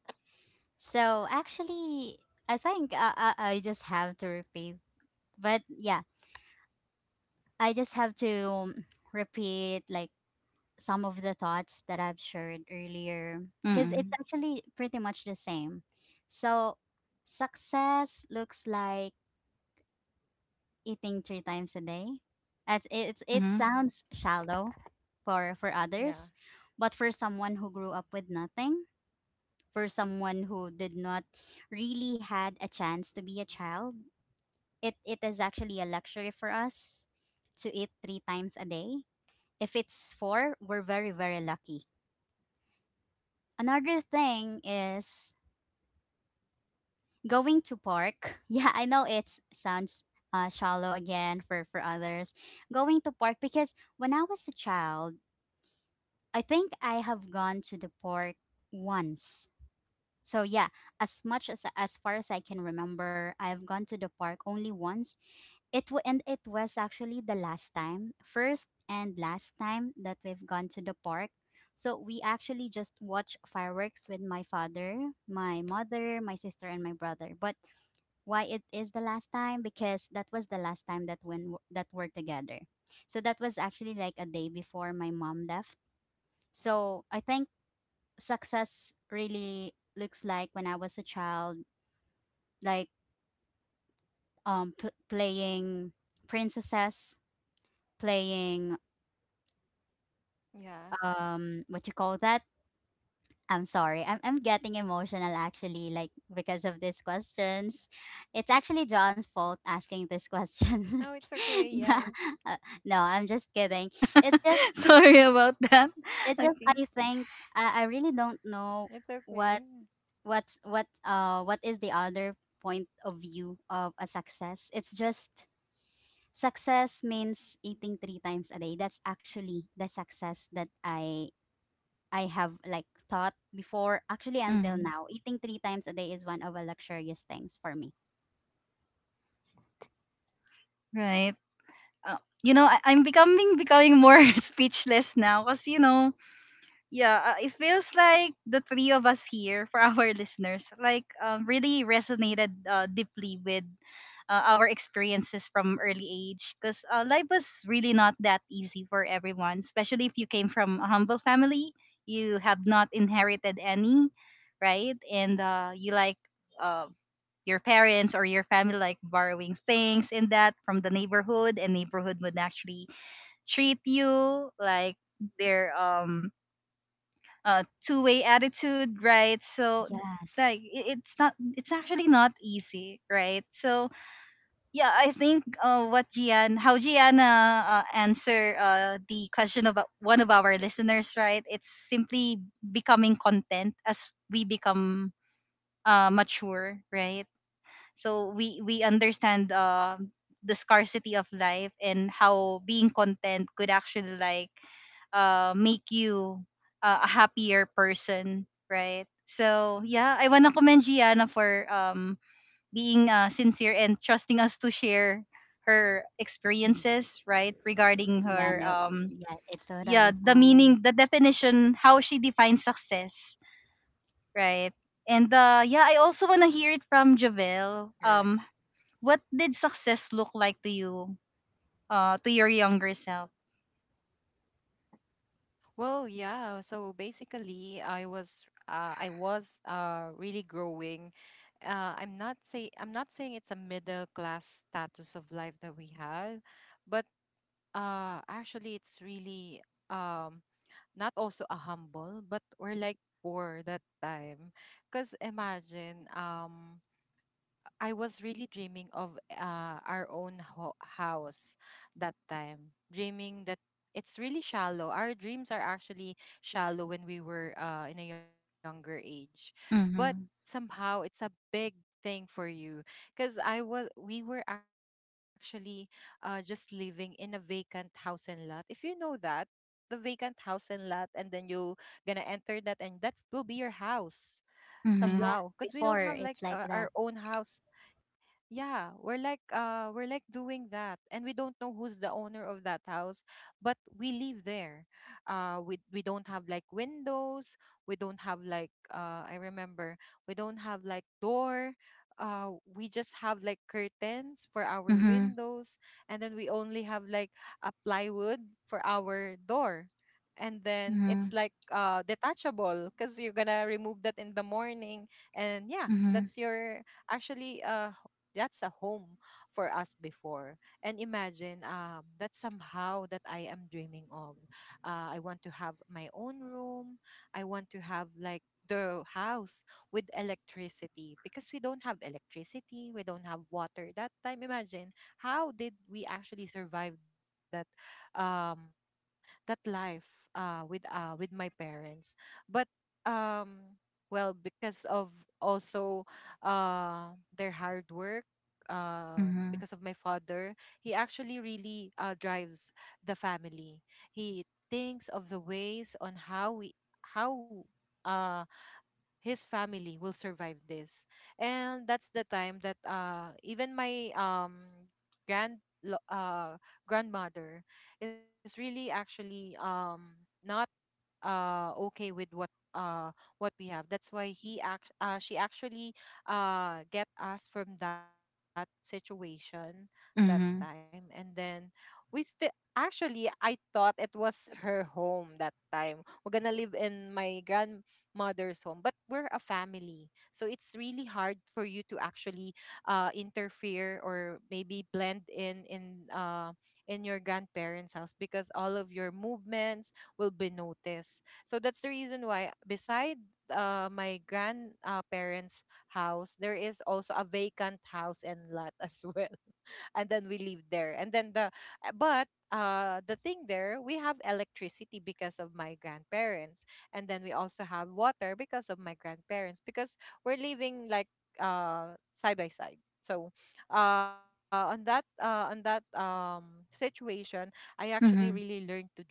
B: So, actually, I think I just have to repeat. But yeah, I just have to repeat like some of the thoughts that I've shared earlier because it's
A: Mm-mm.
B: actually pretty much the same. So, success looks like eating three times a day. It
A: Mm-hmm.
B: sounds shallow for others,
C: Yeah.
B: but for someone who grew up with nothing, for someone who did not really had a chance to be a child, it is actually a luxury for us to eat three times a day. If it's four, we're very, very lucky. Another thing is going to park. Yeah, I know it sounds shallow again for others. Going to park because when I was a child, I think I have gone to the park once. So yeah, as much as far as I can remember, I have gone to the park only once. And it was actually the last time, first and last time that we've gone to the park. So we actually just watch fireworks with my father, my mother, my sister, and my brother. But why it is the last time? Because that was the last time that when that we're together. So that was actually like a day before my mom left. So I think success really looks like when I was a child, like playing princesses, playing
C: Yeah.
B: what you call that? I'm sorry. I'm getting emotional actually like because of these questions. It's actually
C: Oh,
B: John's
C: it's
B: fault
C: okay.
B: asking
C: Yeah.
B: these questions. Yeah. Uh, no, I'm just kidding. It's just,
A: Sorry about that. Okay.
B: I think
C: It's
B: I
C: okay.
B: really
C: Yeah.
B: don't know what what is the other point of view of a success. It's just success means eating three times a day. That's actually the success that I have like thought before. Actually, until
A: Mm.
B: now, eating three times a day is one of the luxurious things for me.
A: Right. You know, I'm becoming more speechless now, because you know, yeah, it feels like the three of us here for our listeners like, really resonated deeply with our experiences from early age, because life was really not that easy for everyone, especially if you came from a humble family. You have not inherited any, right? And you like uh, your parents or your family like borrowing things in that from the neighborhood, and neighborhood would actually treat you like their two-way attitude, right? So like
B: Yes.
A: it's not, it's actually not easy, right? So yeah, I think what gian how Gianna answer the question of one of our listeners, right? It's simply becoming content as we become mature, right? So we understand the scarcity of life and how being content could actually like make you a happier person, right? So yeah, I want to commend Gianna for being sincere and trusting us to share her
B: Mm,
A: experiences, right? Regarding
B: yeah.
A: her
B: No, yeah, it's
A: yeah,
B: totally fine.
A: the definition how she defines success, right? And yeah, I also want to hear it from Javel.
C: Correct.
A: What did success look like to you, to your younger self?
C: Well, yeah. So basically, I was really growing. I'm not saying it's a middle class status of life that we had, but actually it's really, um not also a humble, but we're like poor that time. Cause imagine, I was really dreaming of, our own house that time, dreaming that it's really shallow. Our dreams are actually shallow when we were, in a younger age, but
A: Mhm.
C: somehow it's a big thing for you because I was we were actually, just living in a vacant house and lot. If you know that, the vacant house and lot, and then you gonna enter that, and that will be your house somehow
A: Mhm.
B: Yeah,
C: because we don't have
B: before
C: like,
B: it's like
C: our
B: that.
C: own house. Yeah, we're like doing that, and we don't know who's the owner of that house, but we live there. We don't have like windows, we don't have like, I remember, we don't have like door. We just have like curtains for our
A: Mhm.
C: windows, and then we only have like a plywood for our door. And then
A: Mhm.
C: it's like, detachable because you're gonna remove that in the morning. And yeah,
A: Mhm.
C: that's your actually that's a home for us before. And imagine, that's somehow that I am dreaming of. I want to have my own room. I want to have like the house with electricity because we don't have electricity, we don't have water that time. Imagine how did we actually survive that, um that life, with my parents. But, um well, because of also uh their hard work,
A: Mhm.
C: because of my father, he actually really drives the family. He thinks of the ways on how we how uh his family will survive this. And that's the time that, even my, grand lo- uh grandmother is really actually, not okay with what we have. That's why he act she actually get us from that situation that time. And
A: Mhm.
C: then we still, actually, I thought it was her home that time. We're gonna live in my grandmother's home, but we're a family, so it's really hard for you to actually interfere, or maybe blend in, in your grandparents house, because all of your movements will be noticed. So that's the reason why beside, my grandparents', parents' house, there is also a vacant house and lot as well. And then we live there. And then uh, but the thing there, we have electricity because of my grandparents, and then we also have water because of my grandparents, because we're living like, side by side. So, on that, situation, I actually really
A: Mhm.
C: learned to dream,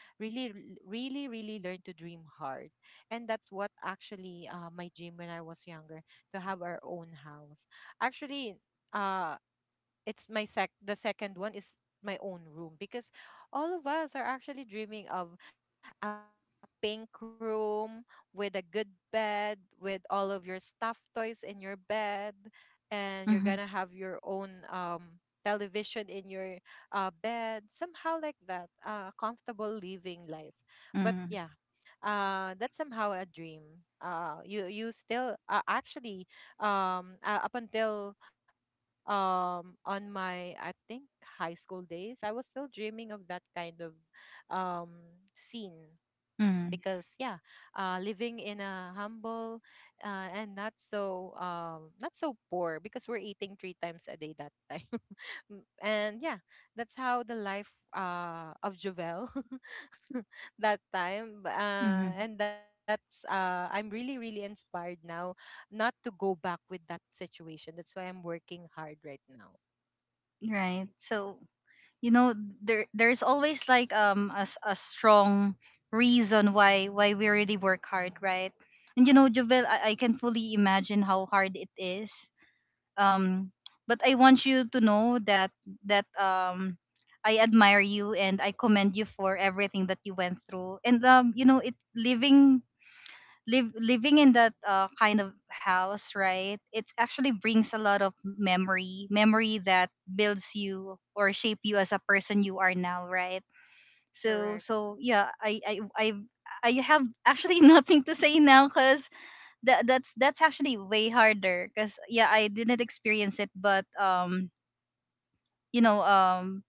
C: really l- really really learn to dream hard. And that's what actually, my dream when I was younger, to have our own house. Actually, uh it's my sec the second one is my own room, because all of us are actually dreaming of a pink room with a good bed, with all of your stuffed toys in your bed, and you're gonna have your
A: Mhm.
C: own, television in your, bed, somehow like that, comfortable living life. But
A: Mhm.
C: yeah, that's somehow a dream, you still, actually up until, on my, I think, high school days, I was still dreaming of that kind of, scene. Because
A: Mhm.
C: yeah, living in a humble, and not so, not so poor, because we're eating three times a day that time. Mm, and yeah, that's how the life of Jovel. That time,
A: Mhm.
C: and that's, I'm really inspired now not to go back with that situation. That's why I'm working hard right now.
A: Right. So you know, there there's always like a strong reason why we really work hard, right? And you know, Jovel, I can fully imagine how hard it is, um but I want you to know that that um I admire you and I commend you for everything that you went through. And you know, it living, live living in that kind of house, right? It actually brings a lot of memory that builds you or shape you as a person you are now, right? So
C: Correct.
A: so yeah, I I have actually nothing to say now because that's actually way harder, because yeah, I didn't experience it. But you know,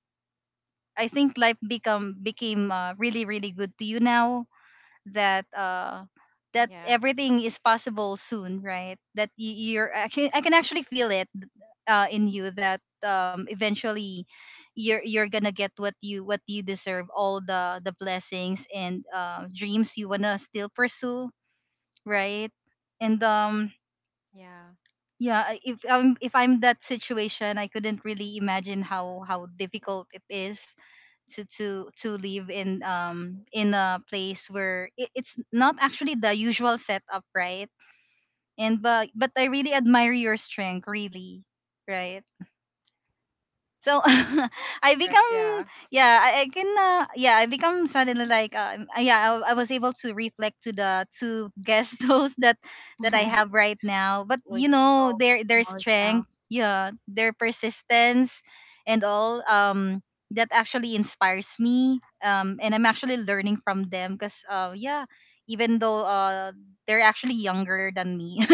A: I think life become became really really good to you now, that that
C: Yeah.
A: everything is possible soon, right? That you're actually, I can actually feel it in you that eventually you're gonna get what you deserve, all the blessings and dreams you wanna still pursue, right? And
C: Yeah.
A: yeah, if I'm that situation, I couldn't really imagine how difficult it is to live in, in a place where it's not actually the usual setup, right? And but I really admire your strength, really, right? So I
C: Correct.
A: become,
C: Yeah.
A: yeah, I can yeah I become suddenly like yeah, I was able to reflect to the two guest hosts that I have right now. But you
B: We
A: know,
B: all get
A: their strength,
B: emotional.
A: yeah, their persistence and all, that actually inspires me. And I'm actually learning from them, because yeah, even though they're actually younger than me.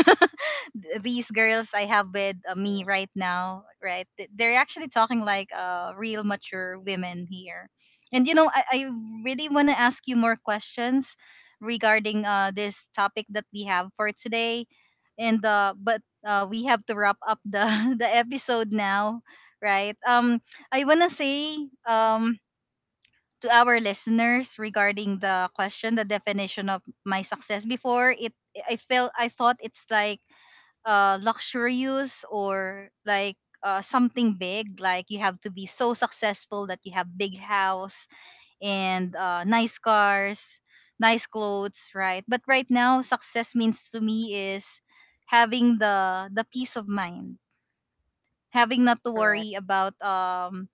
A: These girls I have with me right
C: Correct.
A: now, right? They're actually talking like real mature women here. And you know, I really want to ask you more questions regarding this topic that we have for today. And but we have to wrap up the the episode now, right? I want to say um to our listeners regarding the question, the definition of my success before it. I thought it's like luxurious, or like something big, like you have to be so successful that you have big house and nice cars, nice clothes, right? But right now, success means to me is having the peace of mind, having not to worry
C: Correct.
A: about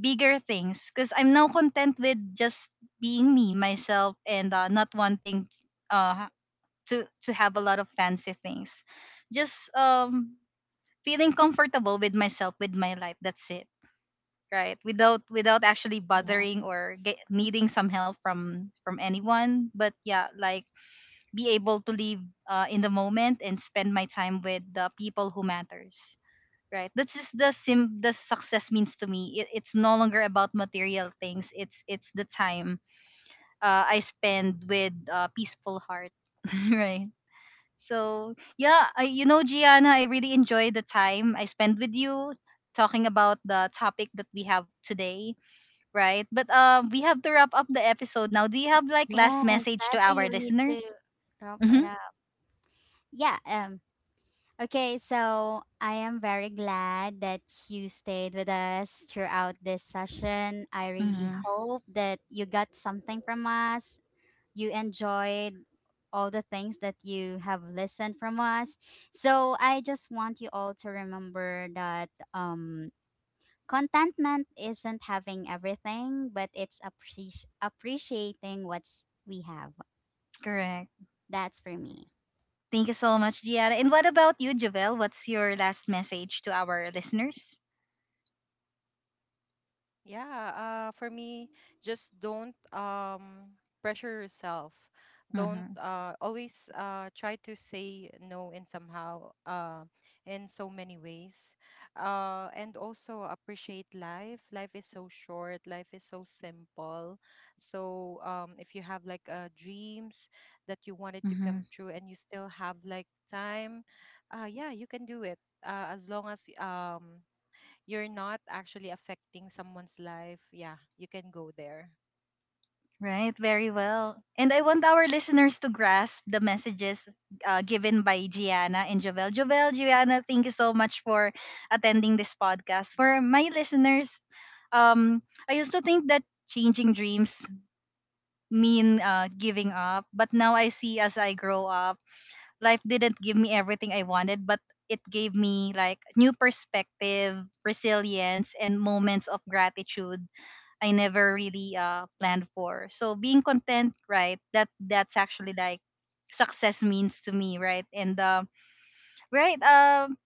A: bigger things, because I'm now content with just being me myself, and not wanting uh to have a lot of fancy things, just feeling comfortable with myself, with my life, that's it, right? Without actually bothering or
B: Yes.
A: needing some help from anyone, but yeah, like be able to live in the moment and spend my time with the people who matters, right? That's just the success means to me. It's no longer about material things, it's the time I spend with a peaceful heart. Right? So yeah, you know, Gianna, I really enjoyed the time I spent with you talking about the topic that we have today, right? But we have to wrap up the episode now. Do you have like last
B: Yeah,
A: message to
B: sadly,
A: our
B: we need to
A: listeners?
B: wrap
A: Mm-hmm.
B: it up. Yeah. Okay. So I am very glad that you stayed with us throughout this session. I really
A: Mm-hmm.
B: hope that you got something from us. You enjoyed all the things that you have listened from us. So I just want you all to remember that um contentment isn't having everything, but it's appreciating what's we have.
A: Correct.
B: That's for me.
A: Thank you so much, Gianna. And what about you, Javel? What's your last message to our listeners?
C: Yeah, for me, just don't, pressure yourself. Don't
A: Mm-hmm.
C: always try to say no in somehow, in so many ways. And also appreciate life. Life is so short, life is so simple. So, if you have like, dreams that you wanted to
A: Mm-hmm.
C: come true, and you still have like time, yeah, you can do it. As long as, you're not actually affecting someone's life, yeah, you can go there.
A: Right, very well. And I want our listeners to grasp the messages given by Gianna and Jovel. Jovel, Gianna, thank you so much for attending this podcast. For my listeners, um, I used to think that changing dreams mean giving up, but now I see, as I grow up, life didn't give me everything I wanted, but it gave me like new perspective, resilience, and moments of gratitude I never really planned for. So being content, right? That's actually like success means to me, right? And right,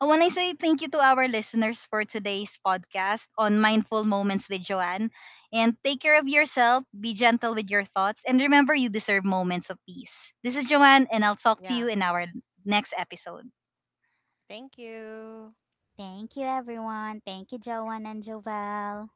A: I want to say thank you to our listeners for today's podcast on Mindful Moments with Joanne. And take care of yourself, be gentle with your thoughts, and remember you deserve moments of peace. This is Joanne, and I'll talk to you
C: Yeah.
A: in our next episode.
C: Thank you.
B: Thank you, everyone. Thank you, Joanne and Jovel.